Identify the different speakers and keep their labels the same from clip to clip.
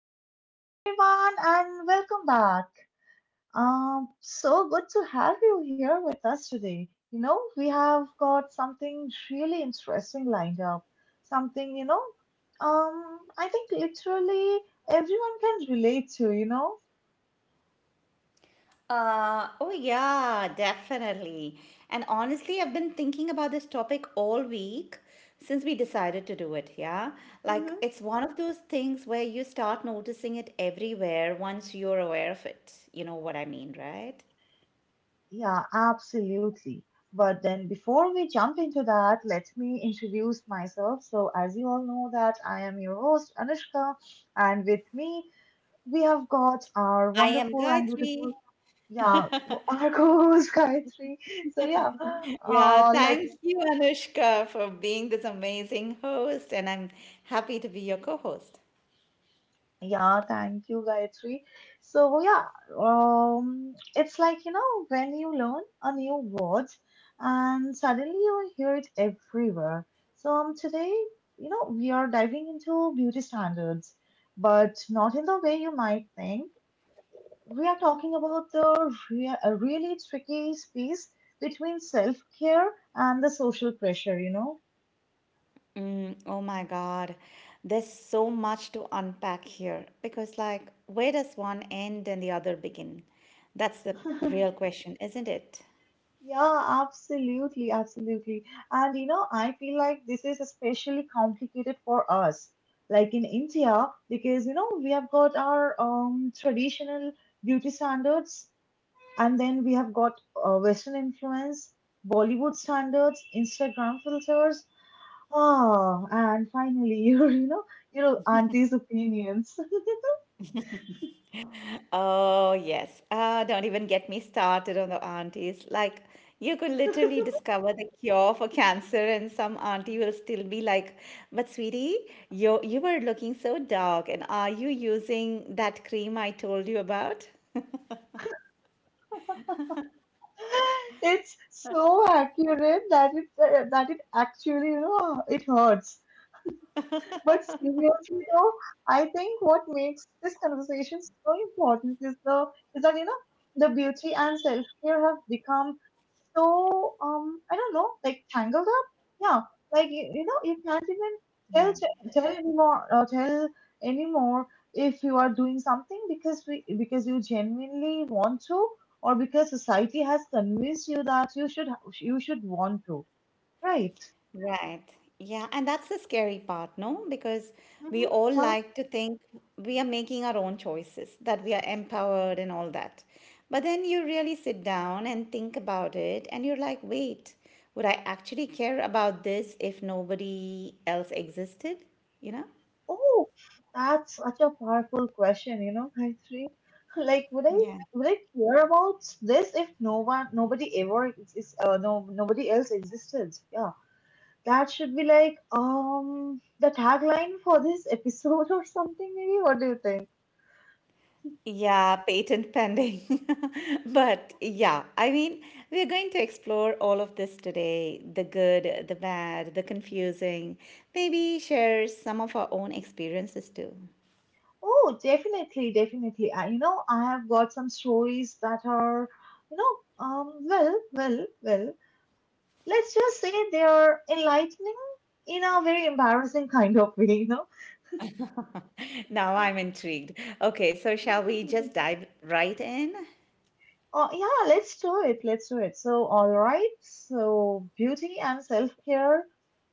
Speaker 1: Hello, everyone, and welcome back. So good to have you here with us today. We have got something really interesting lined up. Something, I think literally everyone can relate to?
Speaker 2: Oh, yeah, definitely. And honestly, I've been thinking about this topic all week since we decided to do it.
Speaker 1: Hmm,
Speaker 2: Yeah. Like, it's one of those things where you start noticing it everywhere once you're aware of it. You know what I mean, right?
Speaker 1: yeah, absolutely. But then before we jump into that, let me introduce myself. So, as you all know, that I am your host, Anushka, and with me we have got our
Speaker 2: I am
Speaker 1: wonderful and
Speaker 2: Gayatri.
Speaker 1: beautiful, yeah, our co-host Gayatri. So, yeah,
Speaker 2: Yeah, thank
Speaker 1: let's.
Speaker 2: you, Anushka, for being this amazing host. And I'm happy to be your co host.
Speaker 1: Yeah, thank you, Gayatri. So, yeah, it's like, you know, when you learn a new word and suddenly you hear it everywhere. So, today, we are diving into beauty standards, but not in the way you might think. We are talking about the a really tricky space between self care and the social pressure?
Speaker 2: Mm, oh my God. There's so much to unpack here because, like, where does one end and the other begin? That's the real question, isn't it?
Speaker 1: Yeah, absolutely, absolutely. And, I feel like this is especially complicated for us, like in India, because we have got our traditional beauty standards, and then we have got Western influence, Bollywood standards, Instagram filters. Ah, and finally, your auntie's opinions.
Speaker 2: Oh, yes. Don't even get me started on the aunties. Like, you could literally discover the cure for cancer, and some auntie will still be like, but, sweetie, you were looking so dark, and are you using that cream I told you about?
Speaker 1: It's so accurate that it actually, it hurts. But seriously, though, I think what makes this conversation so important is that, the beauty and self care have become, so, I don't know, like, tangled up. Yeah, like you can't even tell
Speaker 2: Yeah.
Speaker 1: tell anymore, or tell anymore, if you are doing something because you genuinely want to, or because society has convinced you that you should want to, right?
Speaker 2: Right. Yeah. And that's the scary part, no? Because we
Speaker 1: Hmm,
Speaker 2: all
Speaker 1: yeah.
Speaker 2: like to think we are making our own choices, that we are empowered and all that. But then you really sit down and think about it, and you're like, wait, would I actually care about this if nobody else existed? You know?
Speaker 1: Oh, that's such a powerful question, Gayatri. Like, would I
Speaker 2: Yeah.
Speaker 1: would I care about this if no one, nobody ever, ex- is, no, nobody else existed? Yeah. That should be like the tagline for this episode or something, maybe. What do you think?
Speaker 2: Yeah, patent pending. But yeah, I mean, we're going to explore all of this today, the good, the bad, the confusing, maybe share some of our own experiences too.
Speaker 1: Oh, definitely, definitely. I have got some stories that are, you know, well. Let's just say they are enlightening in a very embarrassing kind of way.
Speaker 2: Now I'm intrigued. Okay, so shall we just dive right in?
Speaker 1: Oh, yeah, let's do it. Let's do it. So, all right. So, beauty and self care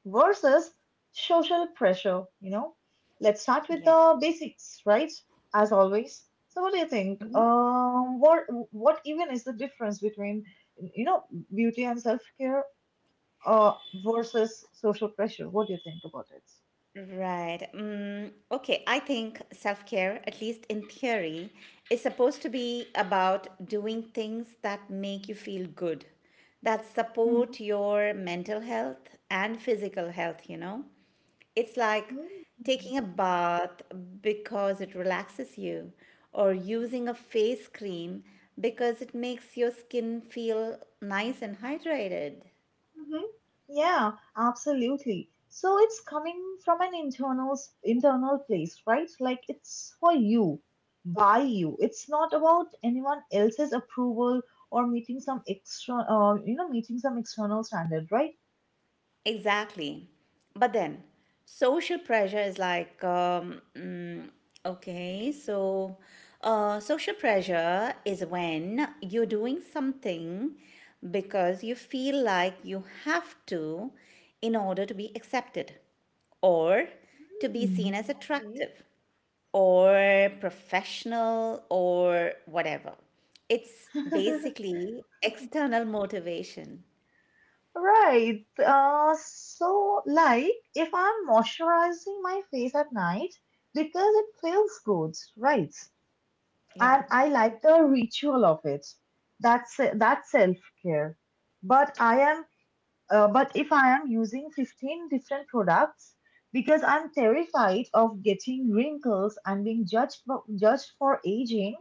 Speaker 1: versus social pressure. Let's start with
Speaker 2: Yeah.
Speaker 1: the basics, right? As always. So, what do you think? What even is the difference between, you know, beauty and self care uh versus social pressure? What do you think about it?
Speaker 2: Right. Okay. I think self care, at least in theory, is supposed to be about doing things that make you feel good, that
Speaker 1: Mhm.
Speaker 2: support your mental health and physical health, you know? It's like taking a bath because it relaxes you, or using a face cream because it makes your skin feel nice and hydrated.
Speaker 1: Mhm. Yeah, absolutely. So it's coming from an internal place, right? Like, it's for you, by you. It's not about anyone else's approval or meeting some extra, you know, meeting some external standard, right?
Speaker 2: Exactly. But then social pressure is like, okay, so social pressure is when you're doing something because you feel like you have to in order to be accepted or to be seen
Speaker 1: Hmm.
Speaker 2: as
Speaker 1: Okay.
Speaker 2: attractive or professional or whatever. It's basically external motivation.
Speaker 1: Right. So, like, if I'm moisturizing my face at night because it feels good, right?
Speaker 2: Yeah.
Speaker 1: And I like the ritual of it. That's self care. But I am, but if I am using 15 different products because I'm terrified of getting wrinkles and being judged for aging,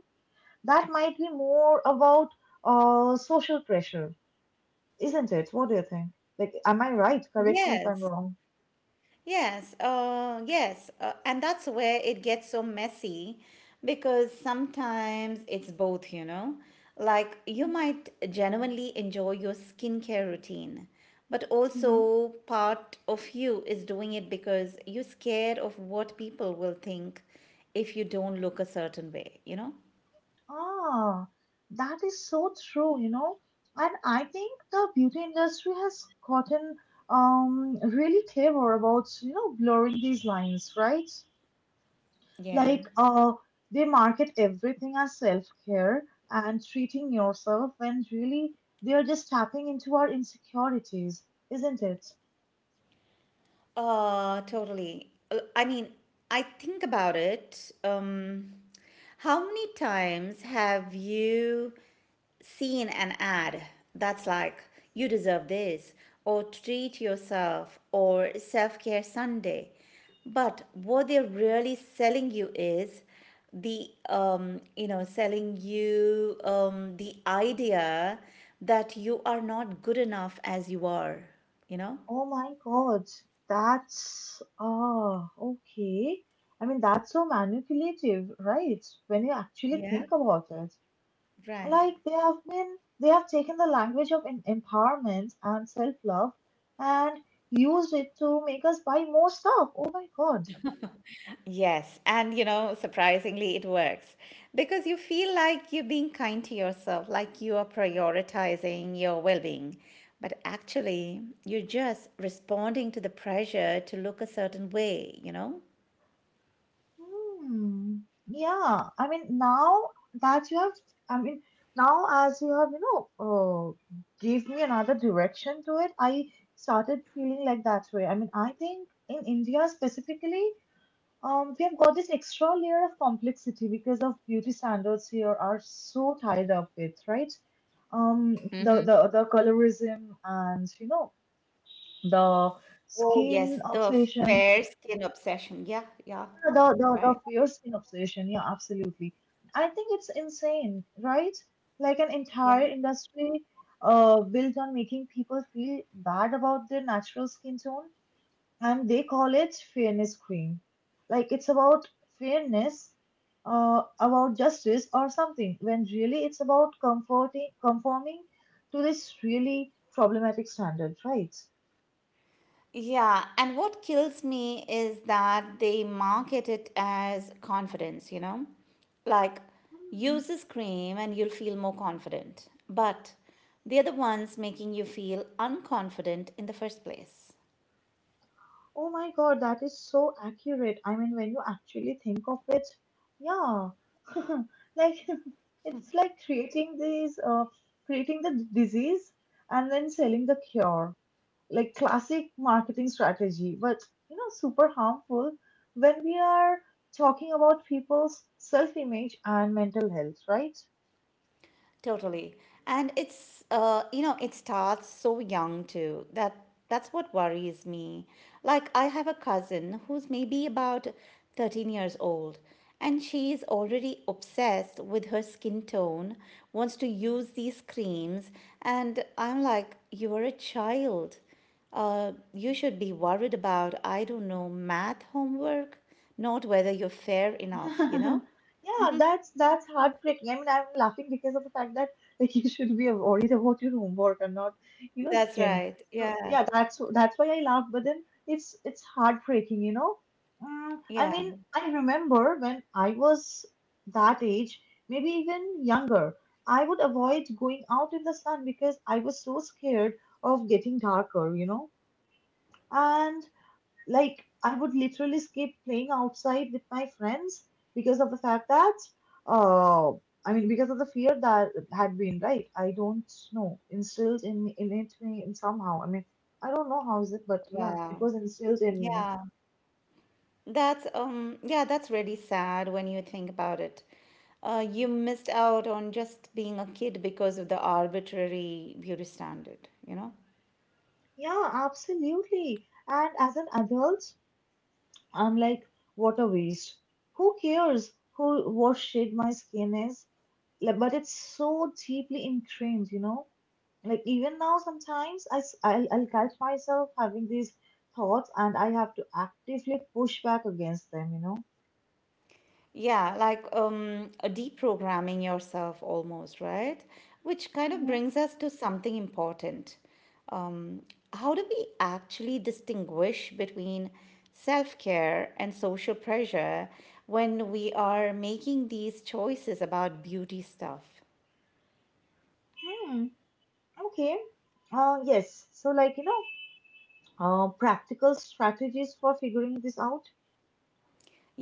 Speaker 1: that might be more about social pressure, isn't it? What do you think? Like, am I right? Correct me if I'm
Speaker 2: Yes.
Speaker 1: wrong.
Speaker 2: Yes, and that's where it gets so messy because sometimes it's both, you know. Like you
Speaker 1: Mhm,
Speaker 2: might genuinely enjoy your skincare routine, but
Speaker 1: mhm.
Speaker 2: also part of you is doing it because you're scared of what people will think if you don't look a certain way, you know?
Speaker 1: Ah, that is so true. And I think the beauty industry has gotten really clever about, blurring these lines, right?
Speaker 2: Yeah.
Speaker 1: Like, they market everything as self-care and treating yourself, when really they're just tapping into our insecurities, isn't it?
Speaker 2: Totally. I mean, I think about it. How many times have you seen an ad that's like, you deserve this, or treat yourself, or self care Sunday? But what they're really selling you is the, you know, selling you the idea that you are not good enough as you are, you know?
Speaker 1: Oh my God, that's okay. I mean, that's so manipulative, right? When you actually
Speaker 2: Yeah,
Speaker 1: think about it.
Speaker 2: right.
Speaker 1: Like, they have taken the language of empowerment and self-love and used it to make us buy more stuff. Oh my God.
Speaker 2: Yes, and you know, surprisingly, it works because you feel like you're being kind to yourself, like you are prioritizing your well being. But actually, you're just responding to the pressure to look a certain way, you know?
Speaker 1: Hmm. Yeah, I mean, now that you have, I mean, now as you have, uh, gave me another direction to it, I started feeling like that way. I mean, I think in India specifically, we have got this extra layer of complexity because of beauty standards here are so tied up with, right? The colorism and, the
Speaker 2: Oh, yes,
Speaker 1: skin
Speaker 2: the
Speaker 1: obsession,
Speaker 2: fair skin obsession. Yeah, yeah,
Speaker 1: the
Speaker 2: right.
Speaker 1: fair skin obsession. Yeah, absolutely. I think it's insane, right? Like, an
Speaker 2: Yeah.
Speaker 1: entire industry, built on making people feel bad about their natural skin tone, and they call it fairness cream, like it's about fairness, about justice or something, when really it's about comforting conforming to this really problematic standard, right?
Speaker 2: Yeah, and what kills me is that they market it as confidence, you know? Like,
Speaker 1: Hmm.
Speaker 2: use this cream and you'll feel more confident. But they're the ones making you feel unconfident in the first place.
Speaker 1: Oh my God, that is so accurate. I mean, when you actually think of it, yeah. Like, it's like creating the disease and then selling the cure, like classic marketing strategy, but, super harmful when we are talking about people's self image and mental health, right?
Speaker 2: Totally. And it's you know, it starts so young too. That's what worries me. Like I have a cousin who's maybe about 13 years old and she's already obsessed with her skin tone, wants to use these creams and I'm like you are a child. You should be worried about I don't know math homework, not whether you're fair enough, you know?
Speaker 1: Yeah, that's heartbreaking. I mean, I'm laughing because of the fact that, like, you should be worried about your homework and not,
Speaker 2: That's
Speaker 1: skin.
Speaker 2: right.
Speaker 1: So,
Speaker 2: Yeah.
Speaker 1: yeah, that's why I laugh. But then it's heartbreaking. I
Speaker 2: Yeah.
Speaker 1: mean, I remember when I was that age, maybe even younger, I would avoid going out in the sun because I was so scared of getting darker. And, like, I would literally skip playing outside with my friends because of the fact that uh I mean because of the fear that had been, right. I don't know, instilled in it me in somehow. I mean, I don't know how is it, but, yeah, it
Speaker 2: Wow.
Speaker 1: was instilled in me.
Speaker 2: Yeah, yeah, that's really sad when you think about it. You missed out on just being a kid because of the arbitrary beauty standard, you know?
Speaker 1: Yeah, absolutely. And as an adult, I'm like, what a waste. Who cares who what shade my skin is? Like, but it's so deeply ingrained, like even now sometimes I, s- I I'll catch myself having these thoughts, and I have to actively push back against them.
Speaker 2: Yeah, like deprogramming yourself almost, right? Which kind of brings us to something important. Um, how do we actually distinguish between self-care and social pressure when we are making these choices about beauty stuff?
Speaker 1: Mm-hmm. Hmm. Okay, yes, so, like, practical strategies for figuring this out.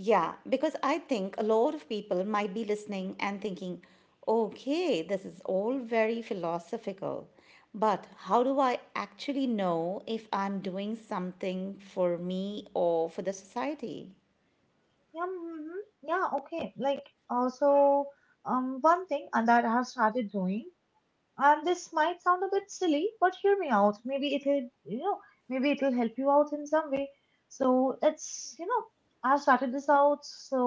Speaker 2: Yeah, because I think a lot of people might be listening and thinking, okay, this is all very philosophical, but how do I actually know if I'm doing something for me or for the society?
Speaker 1: Yeah. Mm-hmm. Yeah, okay, like, also, one thing and that I have started doing. And this might sound a bit silly, but hear me out. Maybe maybe it'll help you out in some way. So it's, I started this out. So,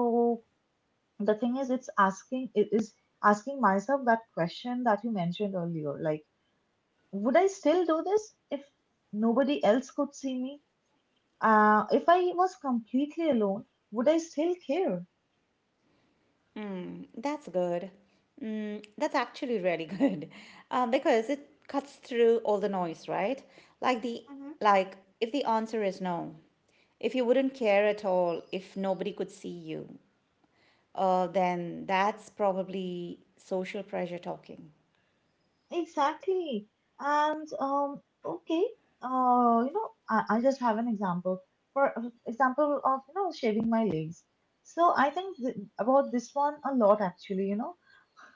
Speaker 1: the thing is, it is asking myself that question that you mentioned earlier. Like, would I still do this if nobody else could see me? If I was completely alone, would I still care?
Speaker 2: That's good. Mm, that's actually really good. Because it cuts through all the noise, right? Like the like if the answer is no, if you wouldn't care at all if nobody could see you, then that's probably social pressure talking.
Speaker 1: Exactly. And, okay, I just have an example for example of, shaving my legs. So I think th about this one a lot, actually,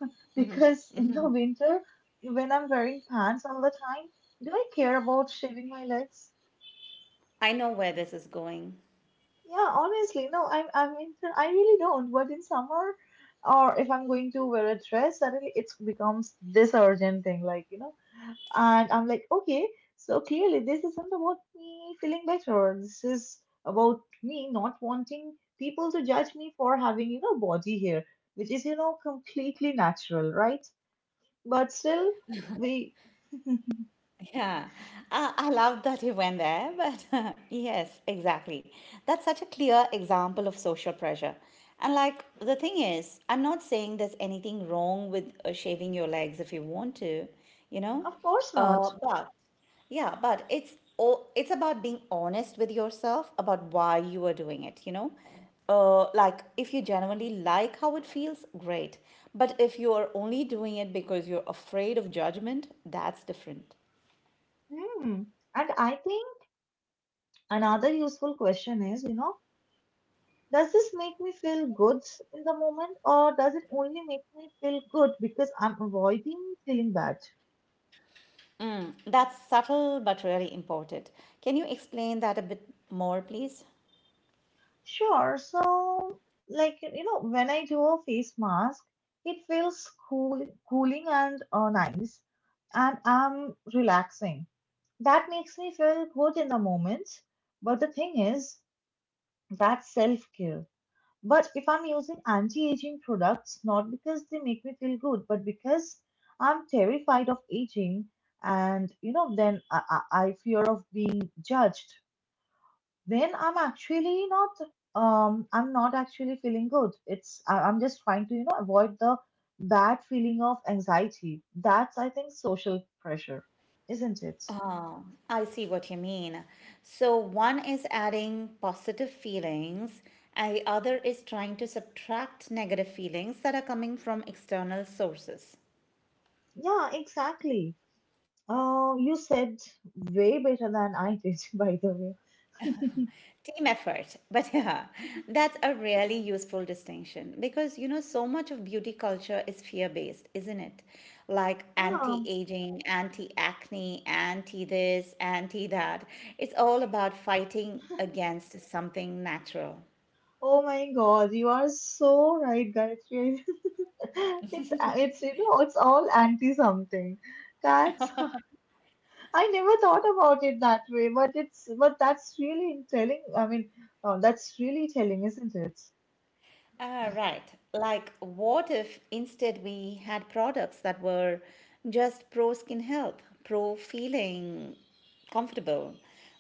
Speaker 1: because in the winter when I'm wearing pants all the time, do I care about shaving my legs?
Speaker 2: I know where this is going.
Speaker 1: Yeah, honestly, no. I mean I really don't. But in summer, or if I'm going to wear a dress, suddenly it becomes this urgent thing, like. And I'm like, okay, so clearly this isn't about me feeling better. This is about me not wanting people to judge me for having, body hair, which is, completely natural, right? But still, we.
Speaker 2: Yeah, I love that you went there, but yes, exactly. That's such a clear example of social pressure. And like the thing is, I'm not saying there's anything wrong with shaving your legs if you want to, you know.
Speaker 1: Of course
Speaker 2: Uh,
Speaker 1: not.
Speaker 2: but but it's about being honest with yourself about why you are doing it, you know. Like if you genuinely like how it feels, great. But if you are only doing it because you're afraid of judgment, that's different.
Speaker 1: Hmm. And I think another useful question is, does this make me feel good in the moment, or does it only make me feel good because I'm avoiding feeling bad?
Speaker 2: Mm, that's subtle but really important. Can you explain that a bit more, please?
Speaker 1: Sure. So, like, when I do a face mask, it feels cooling and, nice, and I'm relaxing. That makes me feel good in the moment. But the thing is, that's self-care. But if I'm using anti-aging products, not because they make me feel good, but because I'm terrified of aging, and, then I fear of being judged. Then I'm actually not, I'm not actually feeling good. I'm just trying to, avoid the bad feeling of anxiety. That's, I think, social pressure, isn't it?
Speaker 2: Oh, I see what you mean. So one is adding positive feelings, and the other is trying to subtract negative feelings that are coming from external sources.
Speaker 1: Yeah, exactly. You said way better than I did, by the way.
Speaker 2: Team effort. But yeah, that's a really useful distinction because you know, so much of beauty culture is fear based, isn't it? Like anti
Speaker 1: Yeah.
Speaker 2: aging, anti acne, anti this, anti that. It's all about fighting against something natural.
Speaker 1: Oh my God, you are so right, Gayatri. It's it's you know it's all anti something. That's I never thought about it that way, but it's but that's really telling. I mean, that's really telling, isn't it?
Speaker 2: Ah, right. Like, what if instead we had products that were just pro skin health, pro feeling comfortable,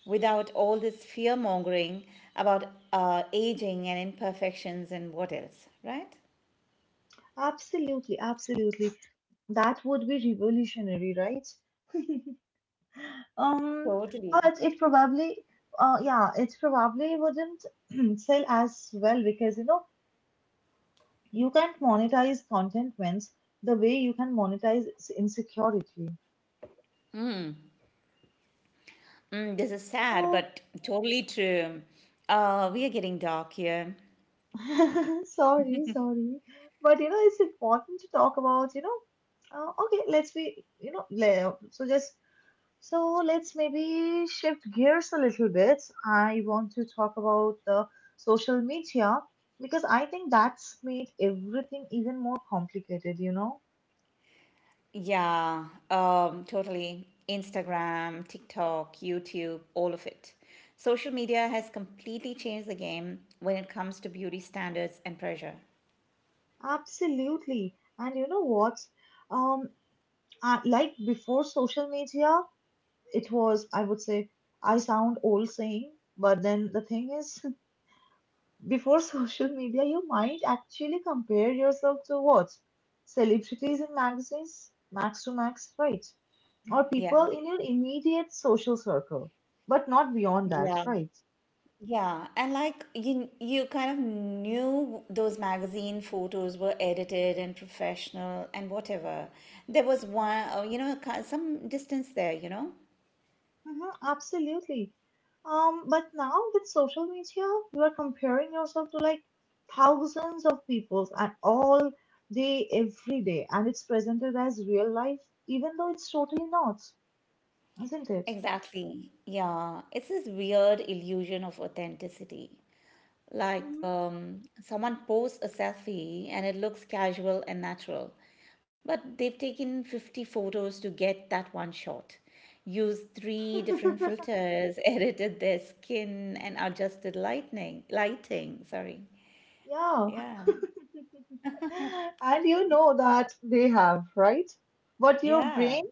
Speaker 2: without all this fear mongering about aging and imperfections and what else, right?
Speaker 1: Absolutely, absolutely. That would be revolutionary, right? Um,
Speaker 2: Totally.
Speaker 1: but yeah, it probably wouldn't sell as well, because you can't monetize contentment the way you can monetize insecurity.
Speaker 2: Mm, this is sad,
Speaker 1: So,
Speaker 2: but totally true. We are getting dark here.
Speaker 1: sorry, sorry, but, it's important to talk about. Okay, let's be, you know, le- so just so let's maybe shift gears a little bit. I want to talk about the social media because I think that's made everything even more complicated?
Speaker 2: Yeah, totally. Instagram, TikTok, YouTube, all of it. Social media has completely changed the game when it comes to beauty standards and pressure.
Speaker 1: Absolutely. And you know what? Um, like before social media, it was, I would say, I sound old saying, but then the thing is, Before social media, you might actually compare yourself to what? Celebrities in magazines, max to max, right? Or
Speaker 2: Yeah.
Speaker 1: people in your immediate social circle, but not beyond that,
Speaker 2: Yeah.
Speaker 1: right?
Speaker 2: Yeah, and like you kind of knew those magazine photos were edited and professional and whatever. There was one, some distance there, you know?
Speaker 1: Hmm, absolutely. But now with social media, you are comparing yourself to like thousands of people and all day, every day, and it's presented as real life, even though it's totally not, isn't it?
Speaker 2: Exactly. Yeah, it's this weird illusion of authenticity. Like
Speaker 1: Mhm.
Speaker 2: someone posts a selfie and it looks casual and natural, but they've taken 50 photos to get that one shot, used three different filters, edited their skin, and adjusted lightning, lighting. Sorry.
Speaker 1: Yeah.
Speaker 2: Yeah.
Speaker 1: And that they have, right? But your
Speaker 2: Yeah.
Speaker 1: brain,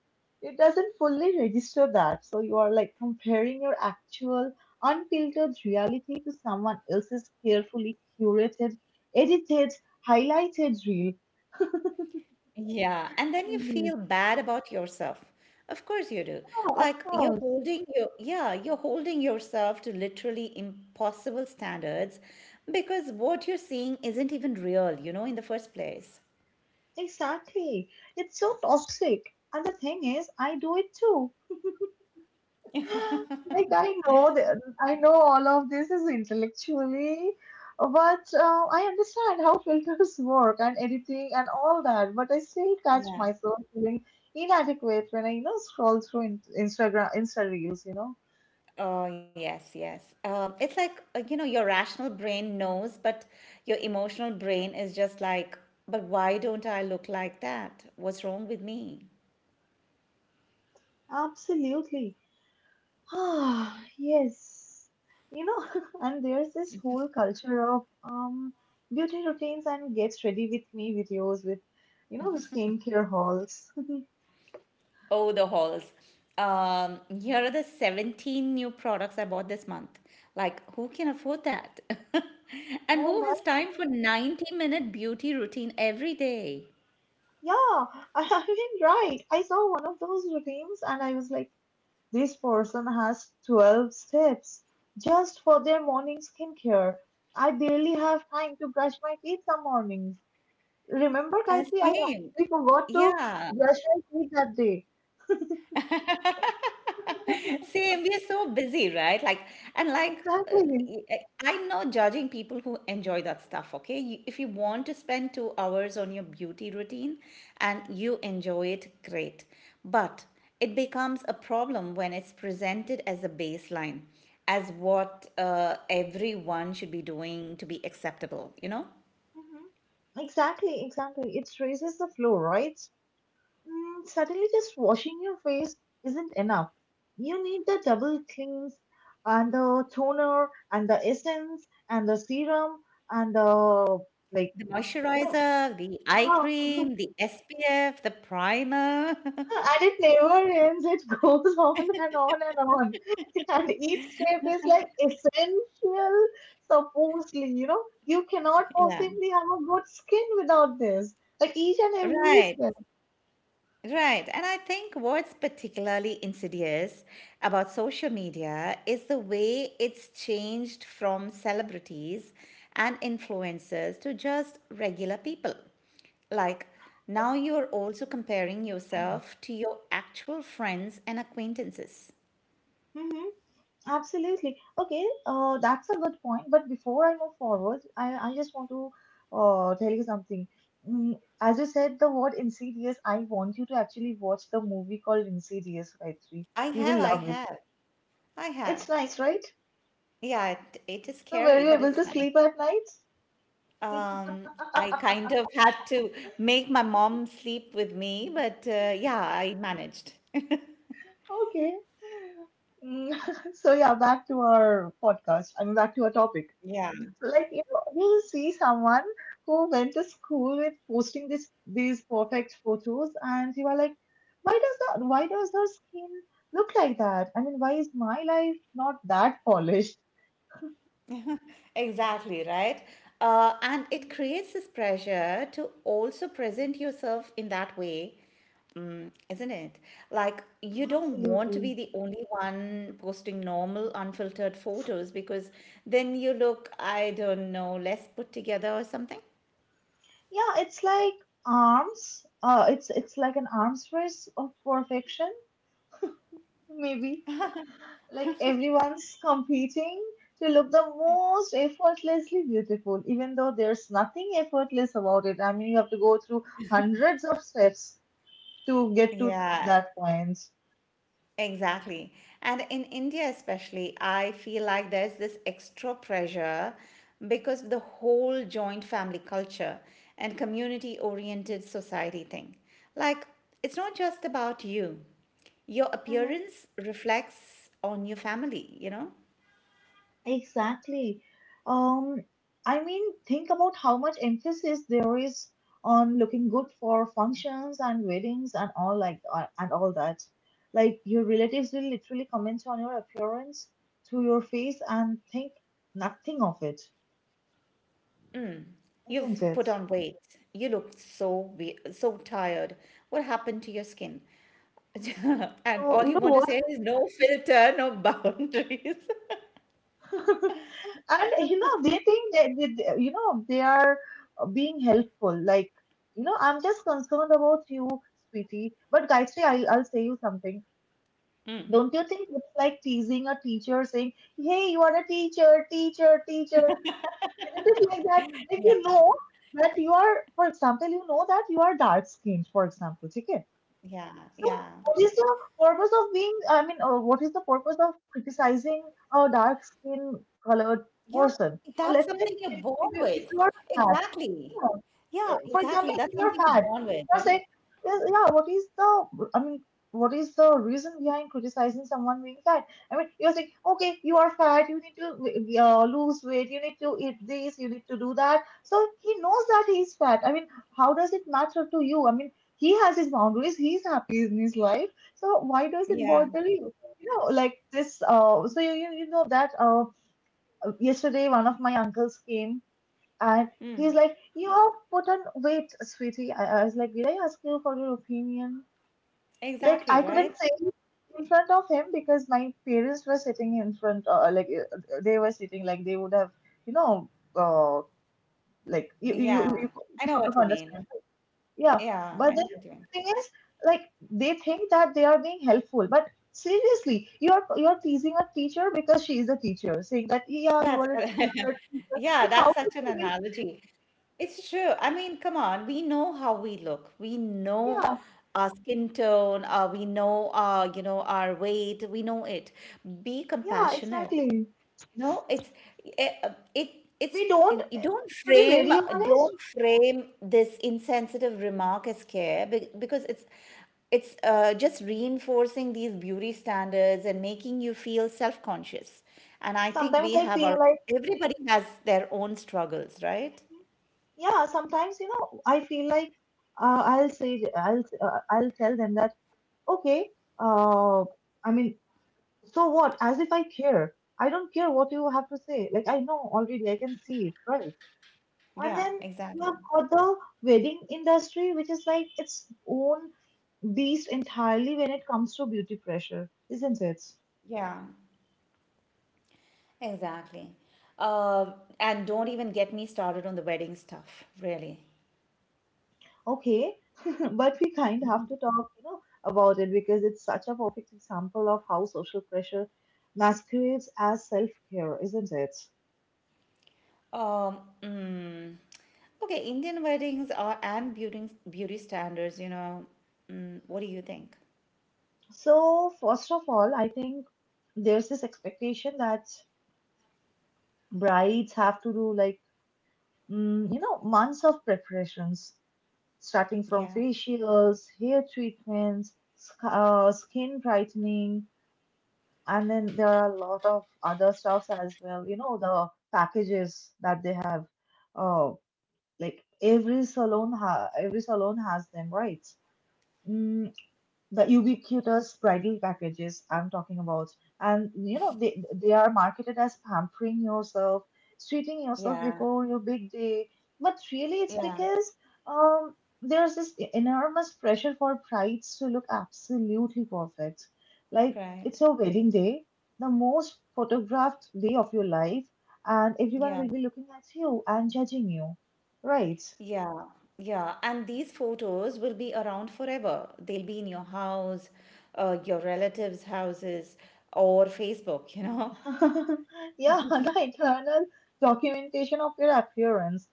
Speaker 1: it doesn't fully register that. So you are like comparing your actual unfiltered reality to someone else's carefully curated, edited, highlighted reel.
Speaker 2: Yeah, and then you
Speaker 1: Mhm.
Speaker 2: feel bad about yourself. Of course you do.
Speaker 1: Yeah, of
Speaker 2: Like
Speaker 1: course.
Speaker 2: you're holding yourself to literally impossible standards because what you're seeing isn't even real, you know, in the first place.
Speaker 1: Exactly. It's so toxic. And the thing is, I do it too. Like I know that I know all of this is intellectually, but I understand how filters work and editing and all that. But I still catch
Speaker 2: Yeah.
Speaker 1: myself feeling inadequate when I scroll through in Instagram Insta reels.
Speaker 2: Oh, yes, yes. It's like, you know, your rational brain knows, but your emotional brain is just like, but why don't I look like that? What's wrong with me?
Speaker 1: Absolutely. Ah, yes. You know, and there's this whole culture of beauty routines and get ready with me videos with skincare hauls.
Speaker 2: Oh, the hauls. Here are the 17 new products I bought this month. Like, who can afford that? And
Speaker 1: Oh
Speaker 2: who
Speaker 1: my.
Speaker 2: has time for 90-minute beauty routine every day?
Speaker 1: Yeah, I mean, right. I saw one of those routines and I was like, this person has 12 steps just for their morning skincare. I barely have time to brush my teeth some mornings. Remember, Gayatri, I
Speaker 2: Same.
Speaker 1: actually forgot to
Speaker 2: Yeah.
Speaker 1: brush my teeth that day.
Speaker 2: Same, we're so busy, right? Like, and like, uh,
Speaker 1: Exactly.
Speaker 2: y- I- I'm not judging people who enjoy that stuff, okay? You, if you want to spend 2 hours on your beauty routine and you enjoy it, great. But it becomes a problem when it's presented as a baseline, as what everyone should be doing to be acceptable, you know?
Speaker 1: Hmm. Exactly, exactly. It raises the floor, right? Mm, suddenly, just washing your face isn't enough. You need the double cleanse and the toner and the essence and the serum and the like,
Speaker 2: The
Speaker 1: you know,
Speaker 2: moisturizer, the eye
Speaker 1: ah,
Speaker 2: cream, the SPF, the primer.
Speaker 1: and it never ends. It goes on and on and on. And each step is like essential, supposedly, you know, you cannot
Speaker 2: Yeah,
Speaker 1: possibly have a good skin without this. Like each and every
Speaker 2: right.
Speaker 1: step.
Speaker 2: Right. And I think what's particularly insidious about social media is the way it's changed from celebrities and influencers to just regular people. Like, now you're also comparing yourself to your actual friends and acquaintances.
Speaker 1: Mm-hmm. Absolutely. Okay, that's a good point. But before I move forward, I just want to tell you something. Mm, as you said, the word Insidious, I want you to actually watch the movie called Insidious, Gayatri.
Speaker 2: I
Speaker 1: You
Speaker 2: have,
Speaker 1: will
Speaker 2: I
Speaker 1: love it.
Speaker 2: have, I have.
Speaker 1: It's nice, right?
Speaker 2: Yeah, it is
Speaker 1: So, were
Speaker 2: scary,
Speaker 1: you
Speaker 2: but
Speaker 1: able to
Speaker 2: it's nice.
Speaker 1: sleep at night?
Speaker 2: Um, I kind of had to make my mom sleep with me, but yeah, I managed.
Speaker 1: Okay. Mm, so, yeah, back to our podcast. I mean, back to our topic.
Speaker 2: Yeah,
Speaker 1: Like you know you see someone who went to school with posting this these perfect photos and you are like why does her skin look like that? I mean, why is my life not that polished?
Speaker 2: exactly, right? And it creates this pressure to also present yourself in that way, mm, isn't it? Like, you don't want to
Speaker 1: Absolutely.
Speaker 2: be the only one posting normal, unfiltered photos because then you look, I don't know, less put together or something.
Speaker 1: Yeah, it's like arms it's like an arms race of perfection maybe, like everyone's competing to look the most effortlessly beautiful, even though there's nothing effortless about it. I mean, you have to go through hundreds of steps to get to
Speaker 2: Yeah,
Speaker 1: that point.
Speaker 2: exactly. And in India, especially, I feel like there's this extra pressure because of the whole joint family culture and community oriented society thing. Like, it's not just about you, your
Speaker 1: Mm-hmm.
Speaker 2: appearance reflects on your family, you know?
Speaker 1: Exactly. Um, I mean, think about how much emphasis there is on looking good for functions and weddings and all that. Like your relatives will literally comment on your appearance to your face and think nothing of it. Isn't
Speaker 2: You've
Speaker 1: it?
Speaker 2: put on weight. You look so tired. What happened to your skin?
Speaker 1: So,
Speaker 2: And
Speaker 1: so
Speaker 2: all
Speaker 1: you
Speaker 2: you
Speaker 1: know
Speaker 2: want to
Speaker 1: what?
Speaker 2: say is no filter, no boundaries.
Speaker 1: And you know they think that you know they are being helpful. Like, you know, I'm just concerned about you, sweetie. But Gayatri, I'll say you something. Don't you think it's like teasing a teacher, saying, "Hey, you are a teacher, teacher, teacher." Isn't it like that? Like
Speaker 2: Yeah.
Speaker 1: you know that you are, for example, you know that you are dark skinned, for example, okay?
Speaker 2: Yeah,
Speaker 1: So,
Speaker 2: yeah.
Speaker 1: what is the purpose of being, I mean, what is the purpose of criticizing a dark skin colored
Speaker 2: Yep,
Speaker 1: person?
Speaker 2: that's
Speaker 1: Or let's
Speaker 2: something
Speaker 1: say,
Speaker 2: you're born with.
Speaker 1: if you are fat,
Speaker 2: Exactly. Yeah, exactly. That's
Speaker 1: if you're
Speaker 2: something you're
Speaker 1: fat,
Speaker 2: born with,
Speaker 1: you're
Speaker 2: right?
Speaker 1: saying, "Yes, yeah, what is the, I mean, what is the reason behind criticizing someone being fat? I mean, you're saying, okay, you are fat, you need to lose weight, you need to eat this, you need to do that. So he knows that he's fat. I mean, how does it matter to you? I mean, he has his boundaries, he's happy in his life. So why does it
Speaker 2: Yeah.
Speaker 1: bother you? You know, like this, so you know that yesterday one of my uncles came and he's
Speaker 2: Mm,
Speaker 1: like, You have put on weight, sweetie. I was like, Did I ask you for your opinion? Like,
Speaker 2: exactly,
Speaker 1: I
Speaker 2: right?
Speaker 1: couldn't say it in front of him because my parents were sitting in front, they were sitting, like, they would have, you know, uh, like,
Speaker 2: Yeah. I
Speaker 1: you
Speaker 2: know
Speaker 1: sort of
Speaker 2: what you mean.
Speaker 1: understand. Yeah.
Speaker 2: Yeah,
Speaker 1: But
Speaker 2: I
Speaker 1: then
Speaker 2: know what you
Speaker 1: the
Speaker 2: mean.
Speaker 1: thing is, like, they think that they are being helpful. But seriously, you're teasing a teacher because she is a teacher, saying that, Yeah, you
Speaker 2: That's
Speaker 1: are a teacher. Teacher.
Speaker 2: yeah,
Speaker 1: Like, how?
Speaker 2: that's such an analogy. It's true. I mean, come on, we know how we look. We know our skin tone, we know our, you know, our weight, we know it. Be
Speaker 1: Yeah,
Speaker 2: compassionate.
Speaker 1: exactly.
Speaker 2: No, it's eh, uh, it it's
Speaker 1: We don't,
Speaker 2: you
Speaker 1: to be very honest,
Speaker 2: don't frame this insensitive remark as care because it's just reinforcing these beauty standards and making you feel self-conscious. And I think
Speaker 1: sometimes
Speaker 2: we
Speaker 1: I
Speaker 2: have
Speaker 1: feel
Speaker 2: our
Speaker 1: like,
Speaker 2: everybody has their own struggles, right?
Speaker 1: yeah, sometimes, you know, I feel like I'll tell them that, okay, uh, I mean, so what? As if I care. I don't care what you have to say. Like, I know already, I can see it, right? And
Speaker 2: Yeah,
Speaker 1: then you
Speaker 2: exactly.
Speaker 1: have got the wedding industry, which is like its own beast entirely when it comes to beauty pressure, isn't it?
Speaker 2: Yeah, exactly. Uh, and don't even get me started on the wedding stuff, really.
Speaker 1: Okay, but we kind of have to talk, you know, about it because it's such a perfect example of how social pressure masquerades as self-care, isn't it?
Speaker 2: Um, mm, okay, Indian weddings are and beauty standards, you know. Mm, what do you think?
Speaker 1: So, first of all, I think there's this expectation that brides have to do like, mm, you know, months of preparations, starting from
Speaker 2: Yeah,
Speaker 1: facials, hair treatments, skin brightening, and then there are a lot of other stuffs as well. You know, the packages that they have. Oh, like every salon has them, right? Mm, the ubiquitous bridal packages I'm talking about. And you know, they are marketed as pampering yourself, treating yourself
Speaker 2: yeah,
Speaker 1: before your big day. But really, it's
Speaker 2: yeah,
Speaker 1: because um, there's this enormous pressure for brides to look absolutely perfect. Like
Speaker 2: right.
Speaker 1: it's your wedding day, the most photographed day of your life, and everyone
Speaker 2: Yeah,
Speaker 1: will be looking at you and judging you, right?
Speaker 2: yeah, yeah. And these photos will be around forever. They'll be in your house, your relatives' houses, or Facebook, you know.
Speaker 1: Yeah, the internal documentation of your appearance.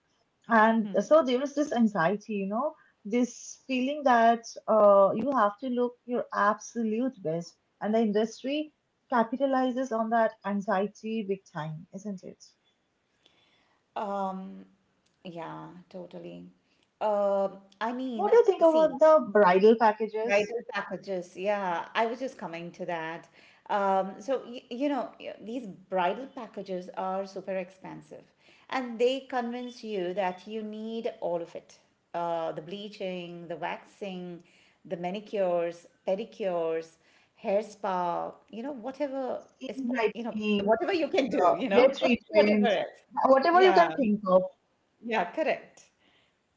Speaker 1: And so there is this anxiety, you know, this feeling that you have to look your absolute best. And the industry capitalizes on that anxiety big time, isn't it?
Speaker 2: Um, yeah, totally. Uh, I mean,
Speaker 1: What do you think
Speaker 2: see.
Speaker 1: about the bridal packages,
Speaker 2: Bridal packages, yeah, I was just coming to that. So, y you know, y- these bridal packages are super expensive, and they convince you that you need all of it. The bleaching, the waxing, the manicures, pedicures, hair spa, you know,
Speaker 1: skin
Speaker 2: you know,
Speaker 1: brightening,
Speaker 2: whatever you can do,
Speaker 1: the
Speaker 2: you
Speaker 1: hair
Speaker 2: know, whatever
Speaker 1: treatment,
Speaker 2: else.
Speaker 1: whatever you
Speaker 2: Yeah,
Speaker 1: can think of?
Speaker 2: yeah, correct.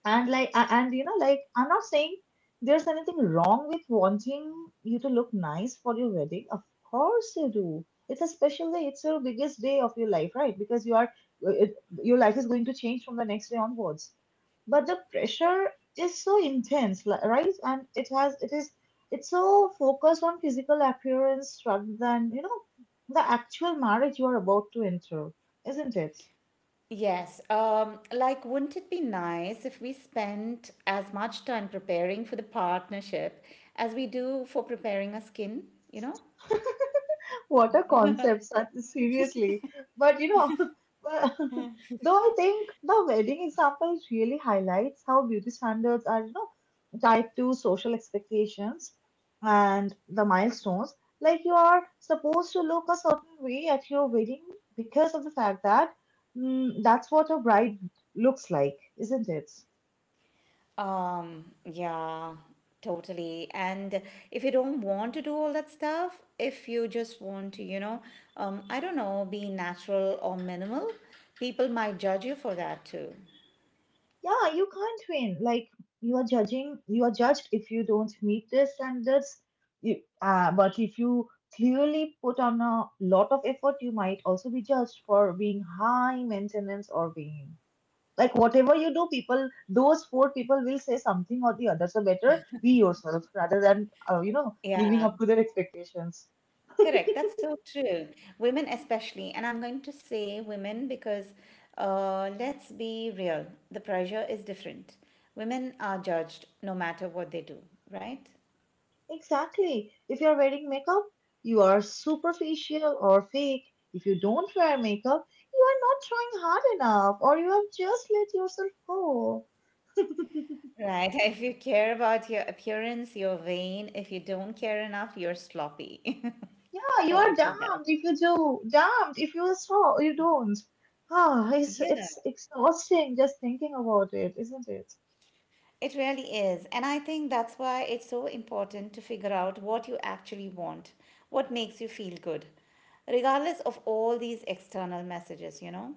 Speaker 1: And like a- and you know like I'm not saying there's anything wrong with wanting you to look nice for your wedding. Of course you do, it's a special day, it's your biggest day of your life, right? Because you are uh, it, your life is going to change from the next day onwards, but the pressure is so intense, right? And it has it is it's so focused on physical appearance rather than, you know, the actual marriage you are about to enter, isn't it?
Speaker 2: Yes. Like, wouldn't it be nice if we spent as much time preparing for the partnership as we do for preparing our skin, you know?
Speaker 1: What a concept, Sat- seriously. But you know, but- though I think the wedding example really highlights how beauty standards are, you know, tied to social expectations and the milestones. Like you are supposed to look a certain way at your wedding because of the fact that mm, that's what a bride looks like, isn't it?
Speaker 2: Yeah, totally. And if you don't want to do all that stuff, if you just want to, you know, I don't know, be natural or minimal, people might judge you for that too.
Speaker 1: Yeah, you can't win. Like you are judged if you don't meet their standards. You, but if you clearly put on a lot of effort, you might also be judged for being high maintenance or being like whatever you do, people, those four people will say something or the other. So better be yourself rather than you know living
Speaker 2: Yeah.
Speaker 1: up to their expectations.
Speaker 2: Correct. That's so true. Women, especially, and I'm going to say women because let's be real, the pressure is different. Women are judged no matter what they do, right?
Speaker 1: Exactly. If you're wearing makeup, you are superficial or fake. If you don't wear makeup, you are not trying hard enough or you have just let yourself go.
Speaker 2: Right. If you care about your appearance, you're vain. If you don't care enough, you're sloppy.
Speaker 1: Yeah, you
Speaker 2: Oh,
Speaker 1: are
Speaker 2: too bad.
Speaker 1: damned if you do, damned if you don't. Ah,
Speaker 2: Yeah,
Speaker 1: it's exhausting just thinking about it, isn't it?
Speaker 2: it really is. And I think that's why it's so important to figure out what you actually want, what makes you feel good, regardless of all these external messages, you know?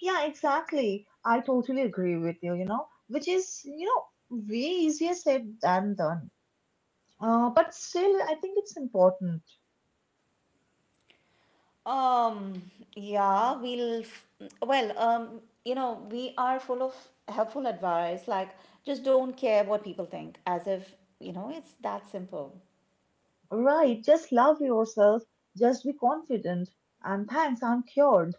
Speaker 1: Yeah, exactly. I totally agree with you, you know, which is, you know, way easier said than done. But still, I think it's important.
Speaker 2: Um, yeah, we'll, f- well, you know, we are full of helpful advice, like just don't care what people think, as if, you know, it's that simple.
Speaker 1: Right, just love yourself, just be confident, and thanks, I'm cured.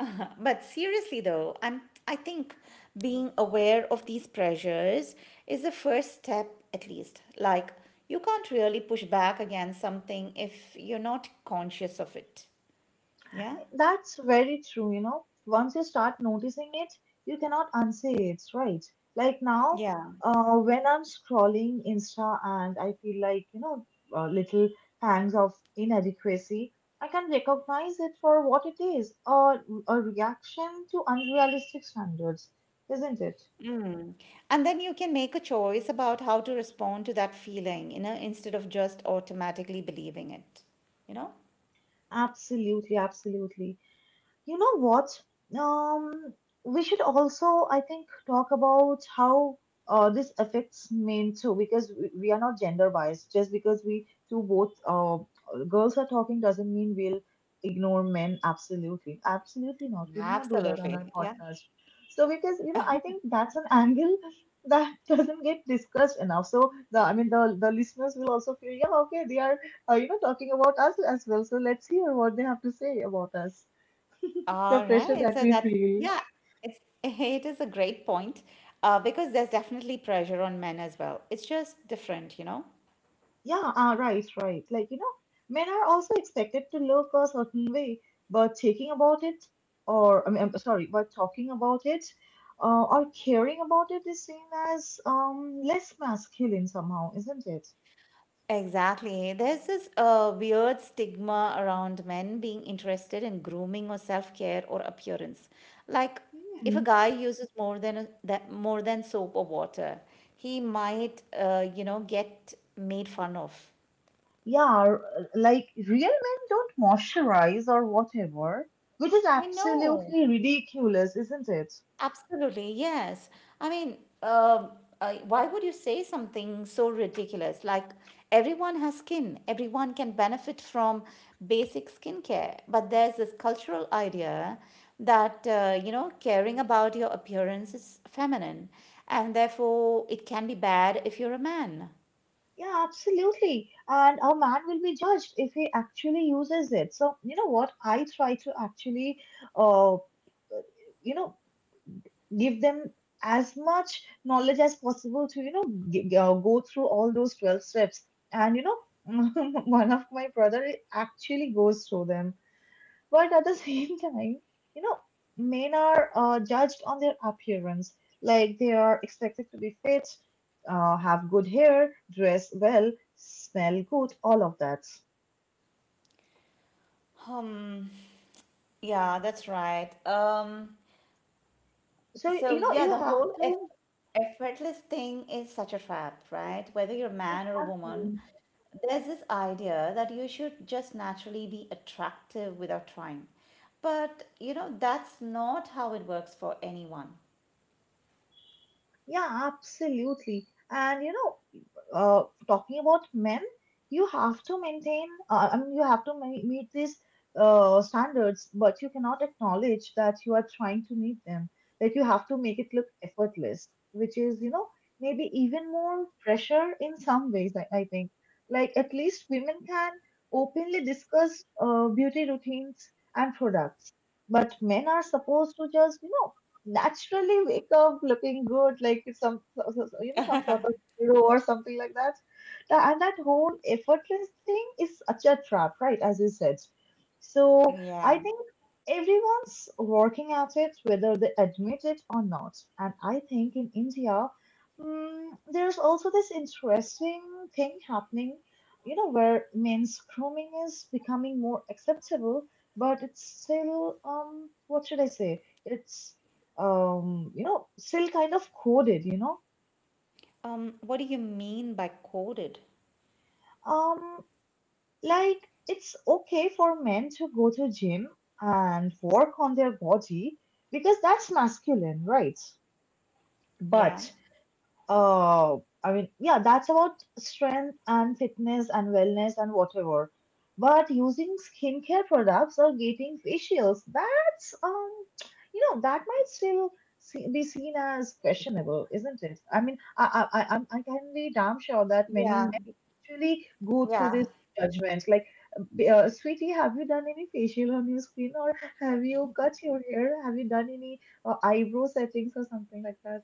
Speaker 2: But seriously though, I think being aware of these pressures is the first step at least. Like, you can't really push back against something if you're not conscious of it. Yeah?
Speaker 1: That's very true, you know. Once you start noticing it, you cannot unsay it, right? Like now,
Speaker 2: Yeah.
Speaker 1: when I'm scrolling Insta and I feel like, you know, little pangs of inadequacy, I can recognize it for what it is, or a reaction to unrealistic standards, isn't it?
Speaker 2: And then you can make a choice about how to respond to that feeling, you know, instead of just automatically believing it, you know?
Speaker 1: Absolutely, absolutely. You know what? Um, we should also, I think, talk about how this affects men too, because we are not gender biased. Just because we two both girls are talking doesn't mean we'll ignore men. Absolutely, absolutely not. We do not do that on our
Speaker 2: Absolutely. Yeah.
Speaker 1: podcast. So because, I think that's an angle that doesn't get discussed enough. So the I mean the listeners will also feel, yeah, okay, they are you know, talking about us as well. So let's hear what they have to say about us, the
Speaker 2: All
Speaker 1: pressure
Speaker 2: right.
Speaker 1: that
Speaker 2: So
Speaker 1: we
Speaker 2: that's,
Speaker 1: feel.
Speaker 2: yeah, it's, it is a great point because there's definitely pressure on men as well. It's just different, you know?
Speaker 1: Yeah, right, right. Like, you know, men are also expected to look a certain way, but thinking about it, or I mean, I'm sorry, but talking about it, or caring about it is seen as less masculine somehow, isn't it?
Speaker 2: Exactly. There's this weird stigma around men being interested in grooming or self-care or appearance. Like if a
Speaker 1: Hmm.
Speaker 2: guy uses more than a, that more than soap or water, he might you know get made fun of.
Speaker 1: Yeah, r- like real men don't moisturize or whatever, which is
Speaker 2: I know.
Speaker 1: absolutely ridiculous, isn't it?
Speaker 2: Absolutely, yes. I mean, um, why would you say something so ridiculous? Like, everyone has skin, everyone can benefit from basic skincare. But there's this cultural idea that, you know, caring about your appearance is feminine, and therefore it can be bad if you're a man.
Speaker 1: Yeah, absolutely. And a man will be judged if he actually uses it. So, you know what? I try to actually, uh, you know, give them as much knowledge as possible to, you know, go through all those 12 steps. And, you know, one of my brother actually goes through them. But at the same time, you know, men are judged on their appearance. Like they are expected to be fit, have good hair, dress well, smell good, all of that.
Speaker 2: Um. Yeah, that's right. Um,
Speaker 1: So,
Speaker 2: so,
Speaker 1: you know,
Speaker 2: yeah,
Speaker 1: you
Speaker 2: the
Speaker 1: have
Speaker 2: whole
Speaker 1: to,
Speaker 2: effortless thing is such a trap, right? Whether you're a man or a woman,
Speaker 1: exactly.
Speaker 2: there's this idea that you should just naturally be attractive without trying. But, you know, that's not how it works for anyone.
Speaker 1: Yeah, absolutely. And you know, talking about men, you have to maintain, I mean, you have to meet these standards, but you cannot acknowledge that you are trying to meet them. Like you have to make it look effortless, which is, you know, maybe even more pressure in some ways, I think. Like at least women can openly discuss beauty routines and products, but men are supposed to just, you know, naturally wake up looking good, like it's some you know, some sort of hero or something like that. And that whole effortless thing is such a trap, right? As you said. So
Speaker 2: Yeah.
Speaker 1: I think everyone's working at it, whether they admit it or not. And I think in India, mm, there's also this interesting thing happening, you know, where men's grooming is becoming more acceptable, but it's still, what should I say? It's you know, still kind of coded, you know.
Speaker 2: What do you mean by coded?
Speaker 1: Um, like it's okay for men to go to gym and work on their body because that's masculine, right? But
Speaker 2: Yeah.
Speaker 1: Uh, that's about strength and fitness and wellness and whatever. But using skincare products or getting facials, that's you know, that might still be seen as questionable, isn't it? I mean, I'm- I can be damn sure that many
Speaker 2: Yeah,
Speaker 1: men actually go through
Speaker 2: yeah,
Speaker 1: this judgment, like, sweetie, have you done any facial on your skin, or have you cut your hair? Have you done any eyebrow settings or something like that?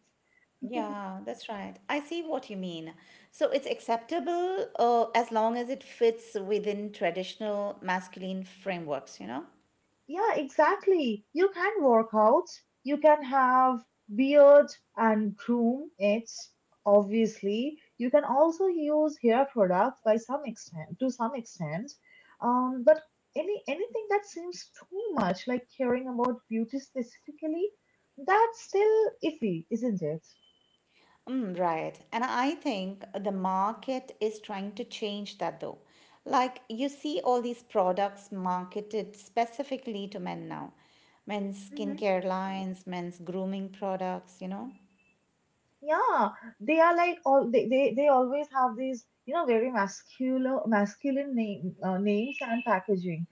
Speaker 2: yeah, that's right. I see what you mean. So it's acceptable as long as it fits within traditional masculine frameworks, you know?
Speaker 1: Yeah, exactly. You can work out, you can have beard and groom it, obviously. You can also use hair products by some extent, to some extent. But anything that seems too much like caring about beauty specifically, that's still iffy, isn't it?
Speaker 2: Mm, right. And I think the market is trying to change that though. Like you see all these products marketed specifically to men now. Men's
Speaker 1: Mm-hmm.
Speaker 2: skincare lines, men's grooming products, you know?
Speaker 1: Yeah, they are like all they always have these, you know, very masculine names and packaging.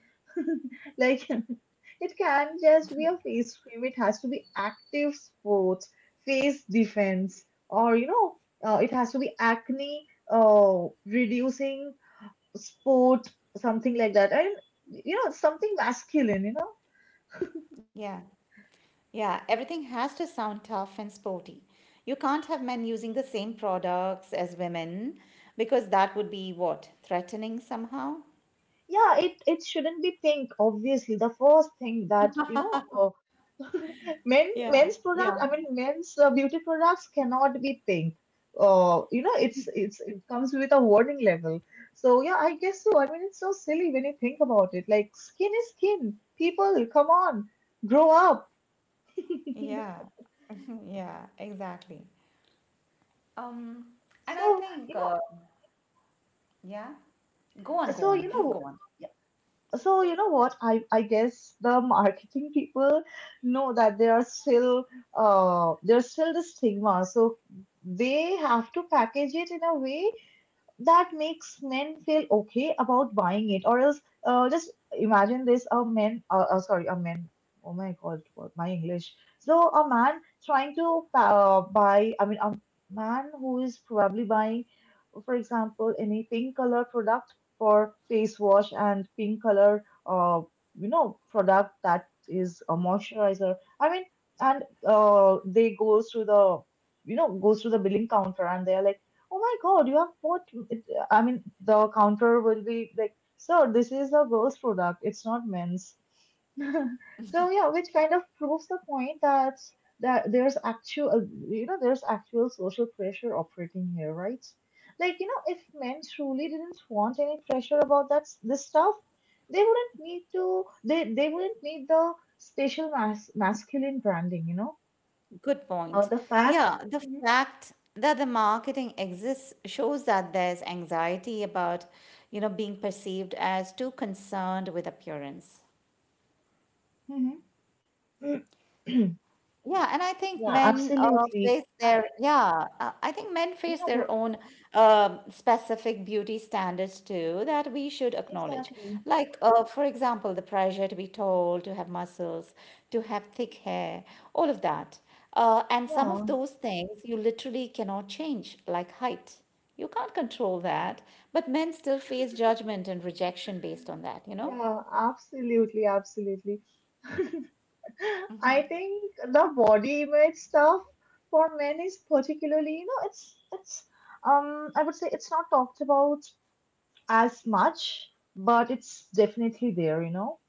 Speaker 1: Like it can't just be a face cream. It has to be active sports, face defense, or you know it has to be acne reducing sport something like that. And you know, something masculine. You know,
Speaker 2: Yeah. Yeah. Everything has to sound tough and sporty. You can't have men using the same products as women because that would be what? Threatening somehow?
Speaker 1: yeah, it shouldn't be pink, obviously. The first thing that, you know,
Speaker 2: Yeah.
Speaker 1: men's
Speaker 2: Yeah.
Speaker 1: product, I mean men's beauty products cannot be pink. You know, it comes with a warning level. So yeah, I guess so. I mean, it's so silly when you think about it. Like skin is skin. People, come on, grow up.
Speaker 2: Yeah. Yeah, exactly. Um, and I
Speaker 1: So,
Speaker 2: think
Speaker 1: you know,
Speaker 2: Yeah. Go on, go
Speaker 1: so
Speaker 2: on.
Speaker 1: you
Speaker 2: Please
Speaker 1: know.
Speaker 2: go on.
Speaker 1: so you know what? I guess the marketing people know that there are still there's still the stigma. So they have to package it in a way that makes men feel okay about buying it, or else just imagine this, a man sorry, a man, oh my god, what my english, so a man trying to buy I mean a man who is probably buying, for example, any pink color product for face wash and pink color you know, product that is a moisturizer, I mean, and they goes to the, you know, goes to the billing counter, and they are like, oh my god, you have bought. It, I mean, the counter will be like, sir, this is a girl's product. It's not men's. So yeah, which kind of proves the point that there's actual, you know, there's actual social pressure operating here, right? Like, you know, if men truly didn't want any pressure about this stuff, they wouldn't need to. They wouldn't need the special masculine branding, you know,
Speaker 2: Good
Speaker 1: or
Speaker 2: point.
Speaker 1: the fact.
Speaker 2: Yeah, the fact that the marketing exists shows that there's anxiety about, you know, being perceived as too concerned with appearance.
Speaker 1: Mhm, mhm.
Speaker 2: Yeah, and I think
Speaker 1: Yeah,
Speaker 2: men
Speaker 1: absolutely.
Speaker 2: face
Speaker 1: Uh,
Speaker 2: their yeah, I think men
Speaker 1: you
Speaker 2: face
Speaker 1: know, what-
Speaker 2: their own specific beauty standards too that we should acknowledge.
Speaker 1: exactly.
Speaker 2: Like for example, the pressure to be tall, to have muscles, to have thick hair, all of that. And some
Speaker 1: Yeah,
Speaker 2: of those things you literally cannot change, like height. You can't control that, but men still face judgment and rejection based on that, you know?
Speaker 1: Yeah, absolutely, absolutely. I think the body image stuff for men is particularly, you know, it's I would say it's not talked about as much, but it's definitely there, you know.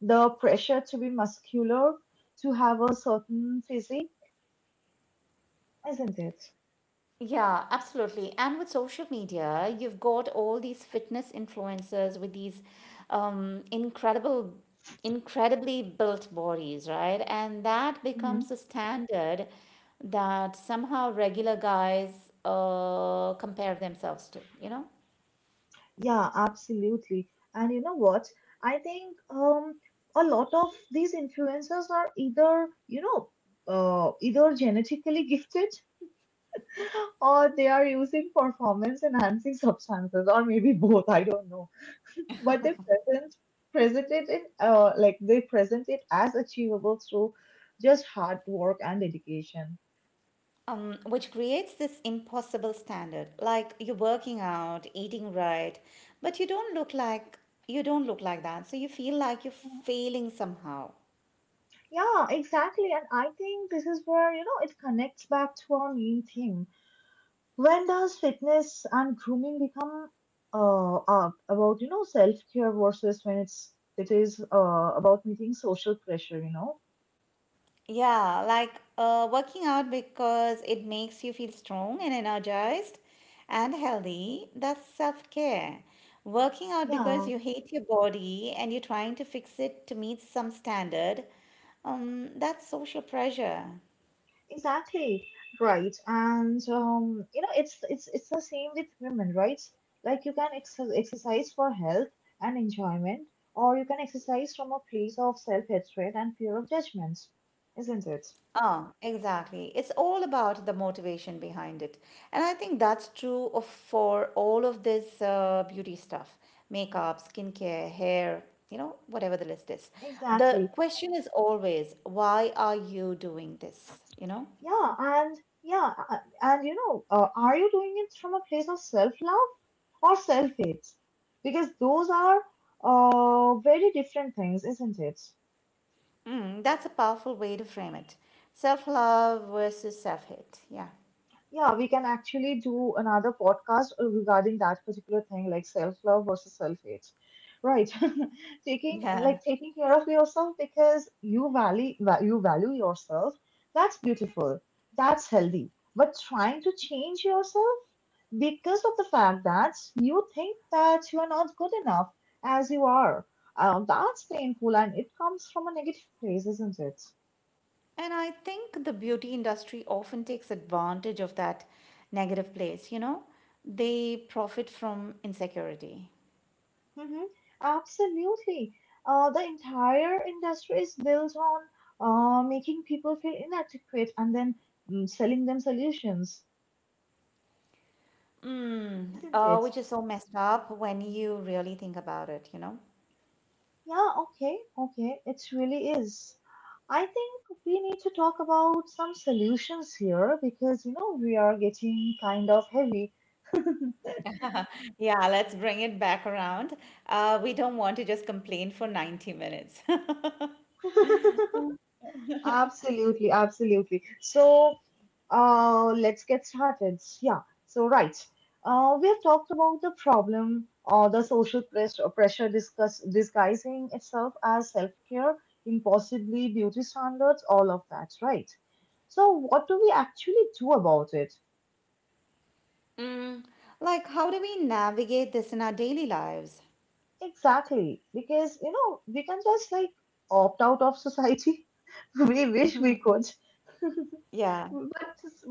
Speaker 1: The pressure to be muscular, to have a certain physique, isn't it?
Speaker 2: Yeah, absolutely. And with social media, you've got all these fitness influencers with these um, incredible, incredibly built bodies, right? And that
Speaker 1: Mm-hmm.
Speaker 2: becomes the standard that somehow regular guys compare themselves to, you know?
Speaker 1: Yeah, absolutely. And you know what? I think a lot of these influencers are either, you know, either genetically gifted or they are using performance enhancing substances, or maybe both. I don't know. But they present present it in like they present it as achievable through just hard work and dedication.
Speaker 2: Which creates this impossible standard. Like you're working out, eating right, but you don't look like that. So you feel like you're
Speaker 1: Mhm.
Speaker 2: failing somehow.
Speaker 1: Yeah, exactly. And I think this is where, you know, it connects back to our main theme. When does fitness and grooming become about, you know, self care versus when it is about meeting social pressure? You know,
Speaker 2: Yeah, like working out because it makes you feel strong and energized and healthy. That's self-care. Working out because
Speaker 1: yeah,
Speaker 2: you hate your body and you're trying to fix it to meet some standard. That's social pressure.
Speaker 1: exactly, right. And you know, it's the same with women, right? Like you can exercise for health and enjoyment, or you can exercise from a place of self hatred and fear of judgment, isn't it?
Speaker 2: Ah, exactly. It's all about the motivation behind it. And I think that's true of for all of this beauty stuff, makeup, skincare, hair, you know, whatever the list is. The
Speaker 1: Exactly.
Speaker 2: question is always, why are you doing this? You know?
Speaker 1: Yeah, and yeah, and you know, are you doing it from a place of self-love or self-hate? Because those are very different things, isn't it?
Speaker 2: Mm, that's a powerful way to frame it. Self-love versus self-hate. Yeah.
Speaker 1: Yeah, we can actually do another podcast regarding that particular thing, like self-love versus self-hate. Right.
Speaker 2: Yeah.
Speaker 1: Taking care of yourself because you you value yourself. That's beautiful. That's healthy. But trying to change yourself because of the fact that you think that you are not good enough as you are, that's painful and it comes from a negative place, isn't it?
Speaker 2: And I think the beauty industry often takes advantage of that negative place, you know? They profit from insecurity.
Speaker 1: Mhm. Absolutely. The entire industry is built on making people feel inadequate and then selling them solutions,
Speaker 2: Mm,
Speaker 1: isn't it?
Speaker 2: which is so messed up when you really think about it, you know?
Speaker 1: Yeah, okay, okay. It really is. I think we need to talk about some solutions here because, you know, we are getting kind of heavy.
Speaker 2: Yeah, let's bring it back around. We don't want to just complain for 90 minutes.
Speaker 1: Absolutely, absolutely. So, uh, let's get started. Yeah. So, right. We have talked about the problem, or the social pressure disguising itself as self care, impossibly beauty standards, all of that, right? So, what do we actually do about it?
Speaker 2: Mm, like, how do we navigate this in our daily lives?
Speaker 1: Exactly. Because, you know, we can just like opt out of society. We wish we could.
Speaker 2: Yeah.
Speaker 1: But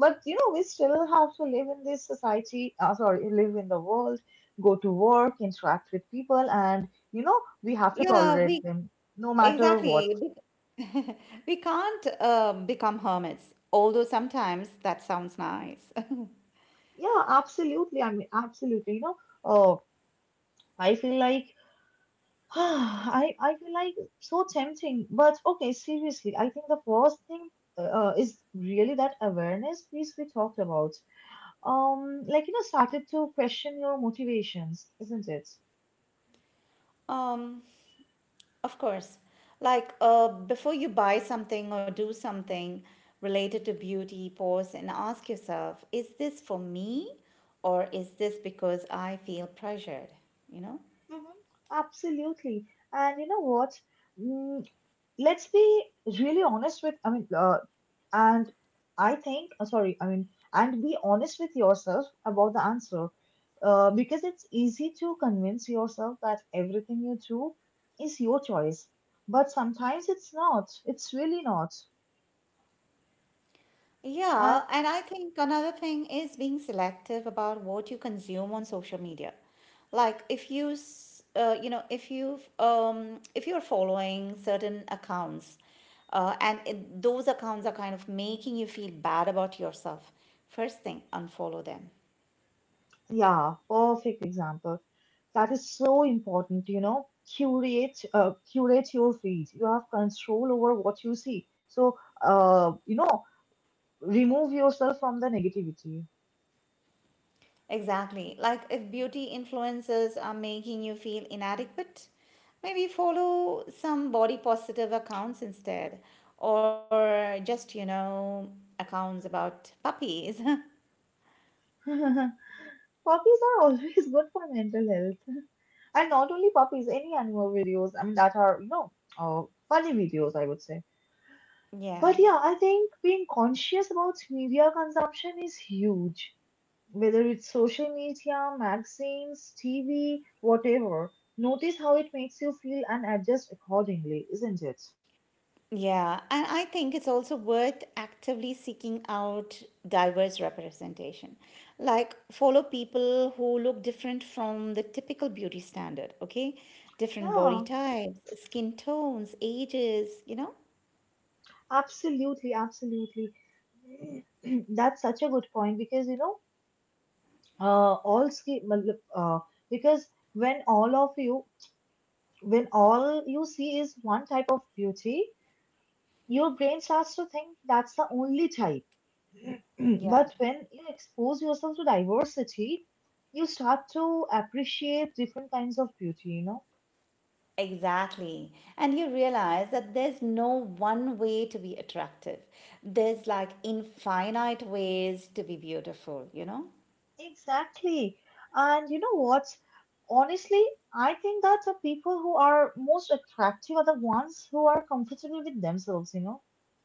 Speaker 1: you know, we still have to live in this society. Sorry, live in the world, go to work, interact with people, and you know, we have to
Speaker 2: Yeah, we
Speaker 1: tolerate them no matter what.
Speaker 2: Exactly. bec- We can't become hermits, although sometimes that sounds nice.
Speaker 1: Yeah, absolutely. I mean, absolutely. You know, oh, I feel like I feel like so tempting. But okay, seriously, I think the first thing is really that awareness piece we talked about. Um, like, you know, started to question your motivations, isn't it?
Speaker 2: Um, of course. Like before you buy something or do something related to beauty, pause and ask yourself, is this for me or is this because I feel pressured? You know?
Speaker 1: Hmm. Absolutely. And you know what? Mm, let's be really honest with, I mean, and I think sorry, I mean, and be honest with yourself about the answer, because it's easy to convince yourself that everything you do is your choice, but sometimes it's not, it's really not.
Speaker 2: Yeah,
Speaker 1: And
Speaker 2: and I think another thing is being selective about what you consume on social media. Like if you, s- you know, if you, if you're following certain accounts, those accounts are kind of making you feel bad about yourself, first thing, unfollow them.
Speaker 1: yeah, perfect example. That is so important, you know. Curate your feed. You have control over what you see, so you know, remove yourself from the negativity.
Speaker 2: Exactly. Like if beauty influencers are making you feel inadequate, maybe follow some body positive accounts instead, or just, you know, accounts about puppies.
Speaker 1: Puppies are always good for mental health. And not only puppies, any animal videos, I mean, that are, you know, uh, funny videos, I would say.
Speaker 2: yeah.
Speaker 1: But yeah, I think being conscious about media consumption is huge. Whether it's social media, magazines, TV, whatever. Notice how it makes you feel and adjust accordingly, isn't it?
Speaker 2: Yeah. And I think it's also worth actively seeking out diverse representation. Like follow people who look different from the typical beauty standard, okay? Different body
Speaker 1: Yeah,
Speaker 2: types, skin tones, ages, you know?
Speaker 1: absolutely, absolutely. That's such a good point because, you know, uh, all ski matlab, uh, because when all of you when all you see is one type of beauty, your brain starts to think that's the only type.
Speaker 2: Yeah.
Speaker 1: But when you expose yourself to diversity, you start to appreciate different kinds of beauty.
Speaker 2: Exactly. And you realize that there's no one way to be attractive. There's like infinite ways to be beautiful, you know?
Speaker 1: Exactly. And you know what? Honestly, I think that the people who are most attractive are the ones who are comfortable with themselves, you know?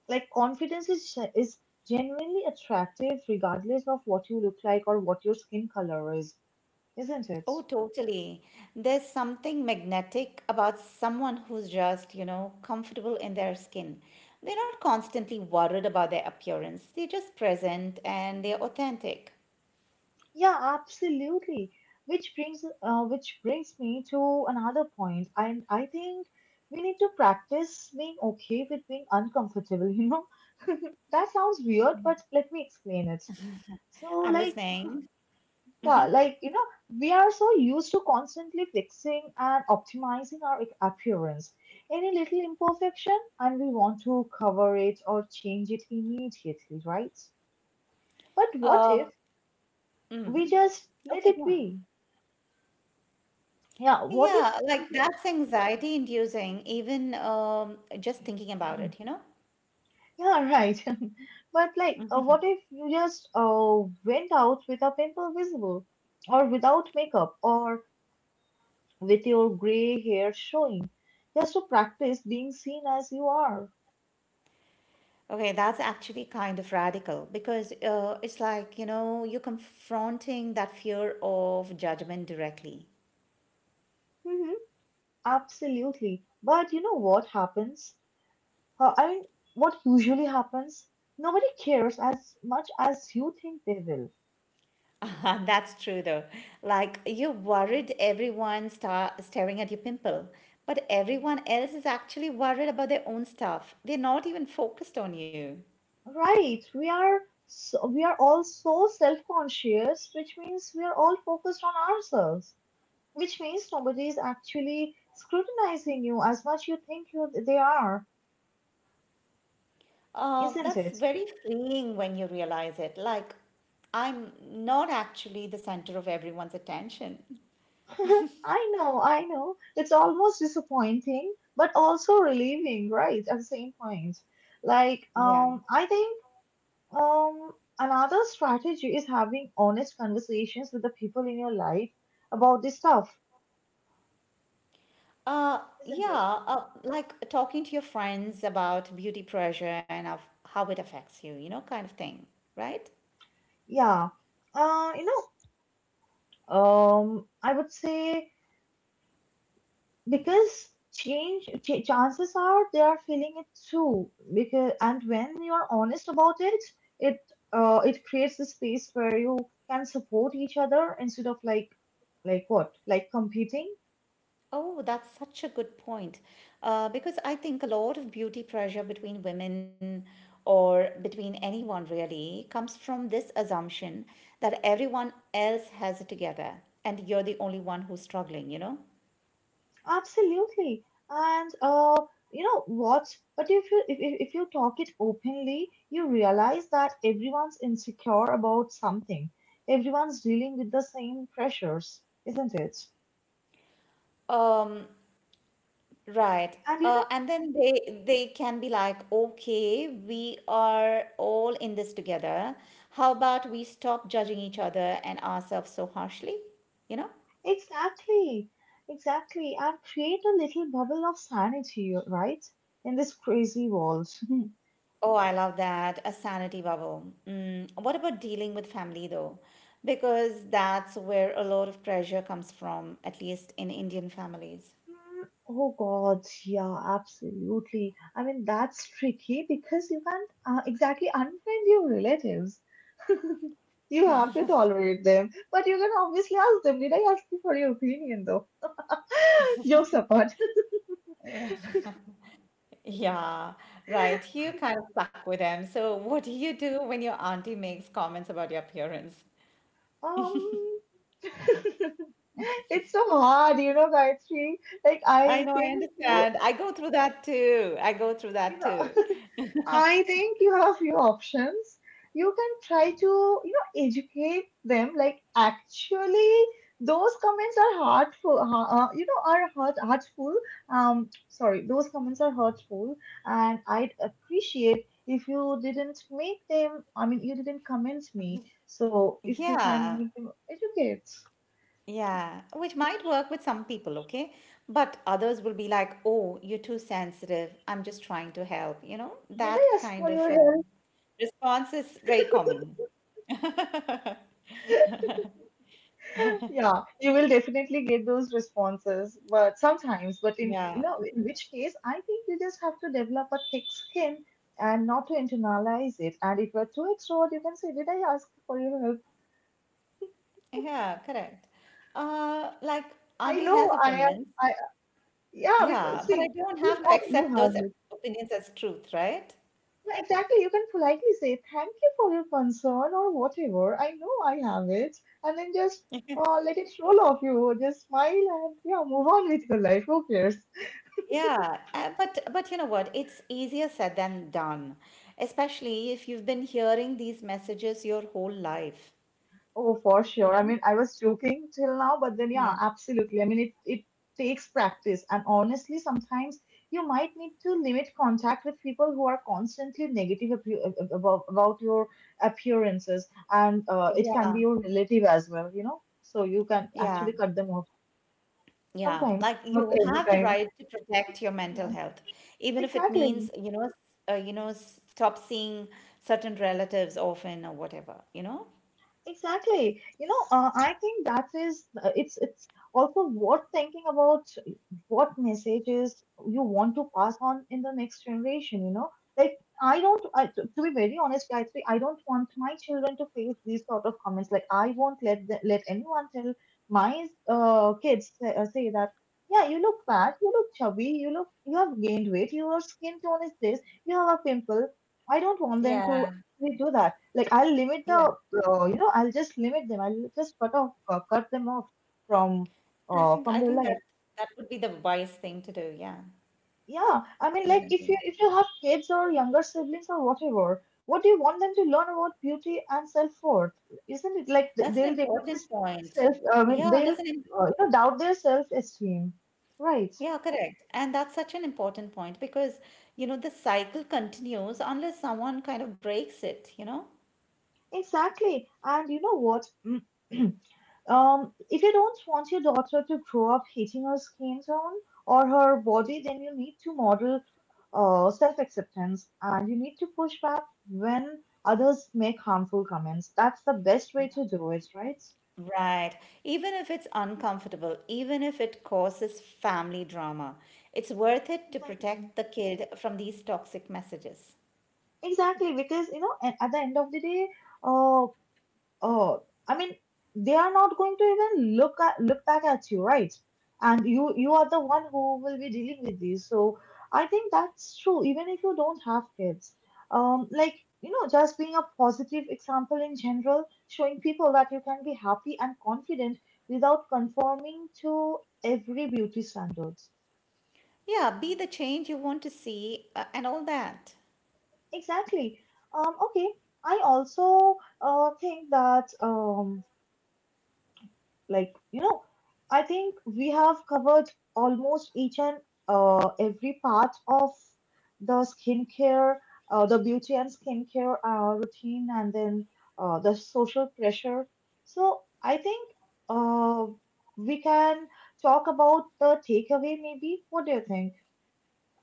Speaker 1: Like, confidence is genuinely attractive regardless of what you look like or what your skin color is, isn't it?
Speaker 2: Oh, totally. There's something magnetic about someone who's just, you know, comfortable in their skin. They're not constantly worried about their appearance, they're just present and they're authentic.
Speaker 1: Yeah, absolutely. Which brings me to another point. And I think we need to practice being okay with being uncomfortable, you know? That sounds weird, but let me explain it. So,
Speaker 2: I'm
Speaker 1: like,
Speaker 2: listening.
Speaker 1: yeah, like, you know, we are so used to constantly fixing and optimizing our appearance. Any little imperfection, and we want to cover it or change it immediately, right? But what
Speaker 2: Um,
Speaker 1: if we
Speaker 2: mhm.
Speaker 1: just let
Speaker 2: Okay,
Speaker 1: it
Speaker 2: go on.
Speaker 1: be? Yeah, what if
Speaker 2: Yeah,
Speaker 1: we
Speaker 2: like
Speaker 1: just,
Speaker 2: that's anxiety inducing, even just thinking about it, you know?
Speaker 1: yeah, right. But, like, what
Speaker 2: Mhm.
Speaker 1: if you just went out with a pimple visible, or without makeup, or with your gray hair showing, just to practice being seen as you are.
Speaker 2: Okay, that's actually kind of radical because it's like, you know, you're confronting that fear of judgment directly.
Speaker 1: Hmm. Absolutely. But you know what happens? Uh, I mean, what usually happens? Nobody cares as much as you think they will.
Speaker 2: That's true though. Like you're worried everyone star staring at your pimple, but everyone else is actually worried about their own stuff. They're not even focused on you.
Speaker 1: Right. We are all so self-conscious, which means we are all focused on ourselves, which means nobody is actually scrutinizing you as much you think you they are, isn't
Speaker 2: That's
Speaker 1: it?
Speaker 2: very freeing when you realize it. Like, I'm not actually the center of everyone's attention.
Speaker 1: I know, I know. It's almost disappointing, but also relieving, right? At the same point. Like,
Speaker 2: Yeah.
Speaker 1: I think um another strategy is having honest conversations with the people in your life about this stuff, isn't it?
Speaker 2: Yeah, like talking to your friends about beauty pressure and of how it affects you, you know, kind of thing, right?
Speaker 1: Yeah. Uh, you know, I would say because chances are they are feeling it too, because and when you're honest about it, it it creates a space where you can support each other instead of like what like competing.
Speaker 2: Oh, that's such a good point. Because I think a lot of beauty pressure between women or between anyone really comes from this assumption that everyone else has it together and you're the only one who's struggling, you know?
Speaker 1: Absolutely. And uh you know what but if you talk it openly, you realize that everyone's insecure about something, everyone's dealing with the same pressures, isn't it?
Speaker 2: Um, right.
Speaker 1: And you know
Speaker 2: And then they can be like, okay, we are all in this together. How about we stop judging each other and ourselves so harshly? You know?
Speaker 1: Exactly, exactly, and create a little bubble of sanity, right? In this crazy world.
Speaker 2: Oh, I love that. A sanity bubble. Mm, what about dealing with family though? Because that's where a lot of pressure comes from, at least in Indian families.
Speaker 1: Mm. Oh God, yeah, absolutely. I mean, that's tricky because you can't, exactly, unfriend your relatives. You have to tolerate them, but you can obviously ask them, did I ask you for your opinion though? Jokes apart.
Speaker 2: Yeah, yeah, right. You kind of stuck with them. So, what do you do when your auntie makes comments about your appearance?
Speaker 1: Um, it's so hard, you know, Gayatri. Like,
Speaker 2: I
Speaker 1: I
Speaker 2: know, I
Speaker 1: think you
Speaker 2: understand. I go through that too. I go through
Speaker 1: you
Speaker 2: that
Speaker 1: know,
Speaker 2: too.
Speaker 1: I think you have few options. You can try to, you know, educate them. Like, actually, those comments are hurtful. You know, are hurt, hurtful. Sorry, those comments are hurtful, and I'd appreciate if you didn't make them. I mean, you didn't comment me. So if you can,
Speaker 2: Yeah.
Speaker 1: make them educate.
Speaker 2: Yeah, which might work with some people, okay? But others will be like, oh, you're too sensitive. I'm just trying to help. You know,
Speaker 1: Did
Speaker 2: that
Speaker 1: I ask
Speaker 2: kind
Speaker 1: for
Speaker 2: of
Speaker 1: your help?
Speaker 2: response is very common.
Speaker 1: Yeah, you will definitely get those responses, but sometimes, but in you
Speaker 2: Yeah,
Speaker 1: know, in which case, I think you just have to develop a thick skin and not to internalize it. And if you're too extrovert, you can say, "Did I ask for your help?"
Speaker 2: yeah, correct. Like,
Speaker 1: I
Speaker 2: Auntie has
Speaker 1: know I am.
Speaker 2: opinions.
Speaker 1: I Yeah, because
Speaker 2: Yeah, but I
Speaker 1: see,
Speaker 2: don't
Speaker 1: you
Speaker 2: have to
Speaker 1: know, you
Speaker 2: accept those
Speaker 1: have it.
Speaker 2: opinions as truth, right?
Speaker 1: Yeah, exactly. You can politely say, "Thank you for your concern," or whatever. I know I have it, and then just, let it roll off you. Just smile and, yeah, move on with your life. Who cares?
Speaker 2: Yeah, but you know what? It's easier said than done, especially if you've been hearing these messages your whole life.
Speaker 1: Oh, for
Speaker 2: You
Speaker 1: sure. I
Speaker 2: know?
Speaker 1: mean, I was joking till now, but then yeah,
Speaker 2: Yeah.
Speaker 1: absolutely. I mean, it takes practice, and honestly, sometimes you might need to limit contact with people who are constantly negative about your appearances, and, it can
Speaker 2: Yeah,
Speaker 1: be your relative as well, you know. So you can
Speaker 2: yeah,
Speaker 1: actually cut them off
Speaker 2: yeah.
Speaker 1: sometimes,
Speaker 2: Like
Speaker 1: not
Speaker 2: you
Speaker 1: every
Speaker 2: have the
Speaker 1: time.
Speaker 2: right to protect your
Speaker 1: You
Speaker 2: mental
Speaker 1: know.
Speaker 2: health, even if it means,
Speaker 1: Exactly.
Speaker 2: you know, you know, stop seeing certain relatives often or whatever, you know?
Speaker 1: Exactly. You know, I think that is, it's also worth thinking about what messages you want to pass on in the next generation. You know, like I don't. I, to be very honest, Gayatri, I don't want my children to face these sort of comments. Like, I won't let let anyone tell my, say that. Yeah, you look fat. You look chubby. You look. You have gained weight. Your skin tone is this. You have a pimple. I don't want them to
Speaker 2: Yeah,
Speaker 1: actually do that. Like, I'll limit
Speaker 2: yeah.
Speaker 1: the, you know I'll just limit them. I'll just cut them off from, from
Speaker 2: I
Speaker 1: your
Speaker 2: think
Speaker 1: life.
Speaker 2: that that would be the wise thing to do. Yeah,
Speaker 1: Yeah, I mean, like, if
Speaker 2: exactly.
Speaker 1: you have kids or younger siblings or whatever, what do you want them to learn about beauty and self worth? Isn't it? Like,
Speaker 2: That's an
Speaker 1: they'll develop
Speaker 2: important
Speaker 1: this
Speaker 2: point.
Speaker 1: self? I mean,
Speaker 2: Yeah,
Speaker 1: they'll,
Speaker 2: that's an im-
Speaker 1: doubt their self esteem, right?
Speaker 2: yeah, correct. And that's such an important point because, you know, the cycle continues unless someone kind of breaks it, you know?
Speaker 1: Exactly. And you know what? If you don't want your daughter to grow up hating her skin tone or her body, then you need to model, self acceptance, and you need to push back when others make harmful comments. That's the best way to do it, right?
Speaker 2: Right. Even if it's uncomfortable, even if it causes family drama, it's worth it to
Speaker 1: Exactly.
Speaker 2: protect the kid from these toxic messages.
Speaker 1: Exactly, because you know, at the end of the day, uh, Oh, I mean, they are not going to even look back at you, right? And you are the one who will be dealing with these. So I think that's true, even if you don't have kids. Like, you know, just being a positive example in general, showing people that you can be happy and confident without conforming to every beauty standards.
Speaker 2: Yeah, be the change you want to see and all that.
Speaker 1: Exactly. Okay. I also think that, like you know I think we have covered almost each and, every part of the skincare, the beauty and skincare, routine, and then, the social pressure. So I think, uh, we can talk about the takeaway. Maybe what do you think?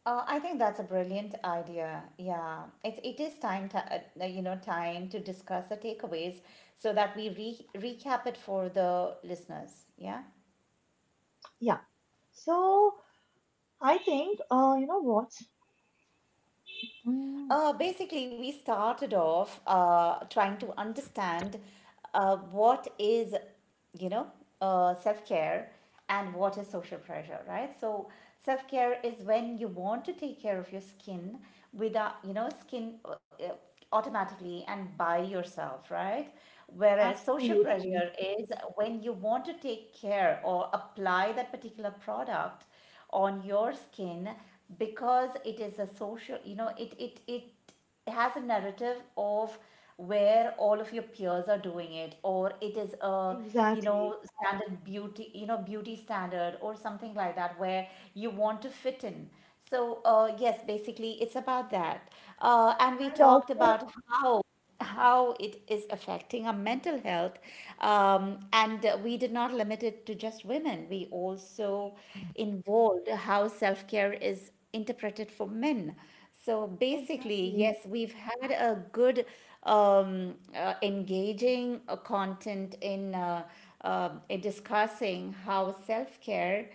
Speaker 2: I think that's a brilliant idea. Yeah, it is time to, you know, time to discuss the takeaways so that we re recap it for the listeners. Yeah.
Speaker 1: Yeah. So I think, you know what Mm,
Speaker 2: Basically, we started off trying to understand what is, you know, self care and what is social pressure, right? So, self care is when you want to take care of your skin without, you know, skin. Automatically and by yourself, right? Whereas social
Speaker 1: absolutely,
Speaker 2: pressure is when you want to take care or apply that particular product on your skin because it is a social, you know, it has a narrative of where all of your peers are doing it or it is a you
Speaker 1: exactly,
Speaker 2: know beauty standard or something like that where you want to fit in so, yes, basically, it's about that. And we
Speaker 1: and
Speaker 2: talked
Speaker 1: also
Speaker 2: about how it is affecting our mental health. And We did not limit it to just women, we also involved how self care is interpreted for men. So basically,
Speaker 1: exactly.
Speaker 2: yes, we've had a good, engaging content in discussing how self care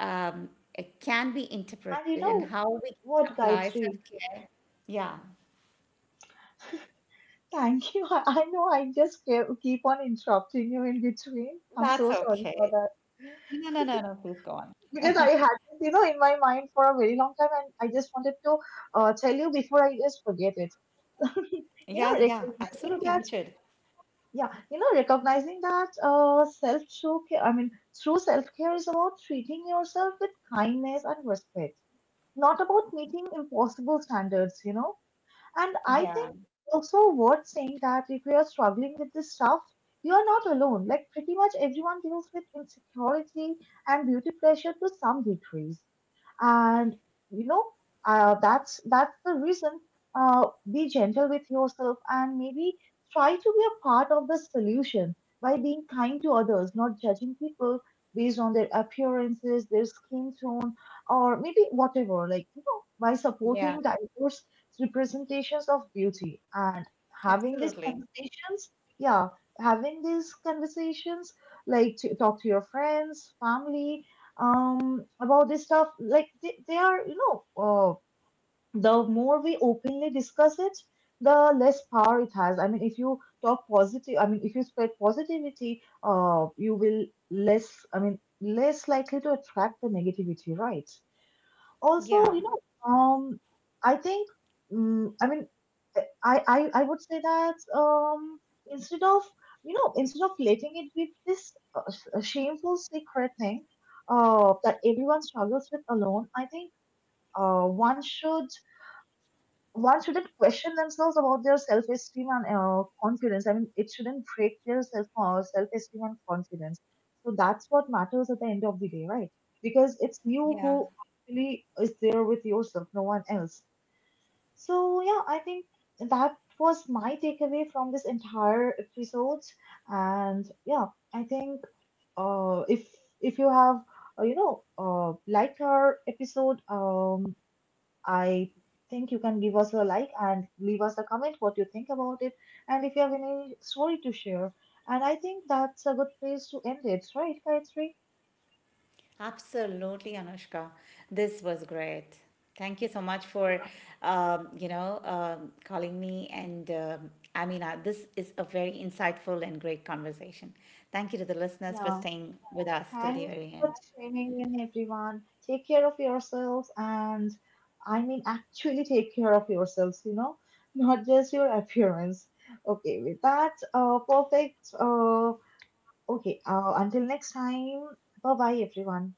Speaker 2: um, it can be
Speaker 1: And you
Speaker 2: interpreted and
Speaker 1: know
Speaker 2: how we
Speaker 1: what,
Speaker 2: apply self
Speaker 1: Gayatri?
Speaker 2: care. Yeah,
Speaker 1: Thank you. I know I just keep on interrupting you in between. I'm
Speaker 2: that's
Speaker 1: so sorry for
Speaker 2: okay.
Speaker 1: that.
Speaker 2: No, no, no, no, please go on.
Speaker 1: Because I had this, you know, in my mind for a very long time, and I just wanted to, tell you before I just forget it.
Speaker 2: Yeah,
Speaker 1: You know, recognizing
Speaker 2: you
Speaker 1: that,
Speaker 2: should.
Speaker 1: yeah, you know, recognizing that, self true care, I mean, true self care is about treating yourself with kindness and respect, not about meeting impossible standards, you know. And I
Speaker 2: Yeah,
Speaker 1: think also worth saying that if you are struggling with this stuff, you are not alone. Like, pretty much everyone deals with insecurity and beauty pressure to some degree, and you know that's the reason, uh, be gentle with yourself, and maybe try to be a part of the solution by being kind to others, not judging people based on their appearances, their skin tone, or maybe whatever. Like, you know, by
Speaker 2: yeah,
Speaker 1: supporting diverse representations of beauty and having these
Speaker 2: absolutely.
Speaker 1: conversations. Yeah, having these conversations, like, to talk to your friends, family, about this stuff. Like, they are, you know, the more we openly discuss it, the less power it has. I mean, if you talk positive, I mean, if you spread positivity, you will less, I mean, less likely to attract the negativity, right? Also,
Speaker 2: Yeah,
Speaker 1: you know, um I think mm I mean eh, I would say that, instead of, instead of letting it be this, shameful secret thing that everyone struggles with alone, I think, uh one should one shouldn't question themselves about their self-esteem and, confidence. I mean, it shouldn't break their self-esteem and confidence. So that's what matters at the end of the day, right? Because it's you
Speaker 2: yeah,
Speaker 1: who actually is there with yourself, no one else. So yeah, I think that was my takeaway from this entire episode. And yeah, I think, uh, if if you have, liked our episode, I think you can give us a like and leave us a comment what you think about it, and if you have any story to share. And I think that's a good place to end it, right, Gayatri?
Speaker 2: absolutely, Anushka. This was great. Thank you so much for, you know, calling me. And Amina, this is a very insightful and great conversation. Thank you to the listeners for
Speaker 1: Yeah.
Speaker 2: staying with us till the
Speaker 1: Thanks
Speaker 2: very
Speaker 1: for
Speaker 2: end.
Speaker 1: tuning in, everyone. Take care of yourselves, and I mean actually take care of yourselves, you know, not just your appearance. Okay, with that, perfect. Okay, until next time. Bye bye, everyone.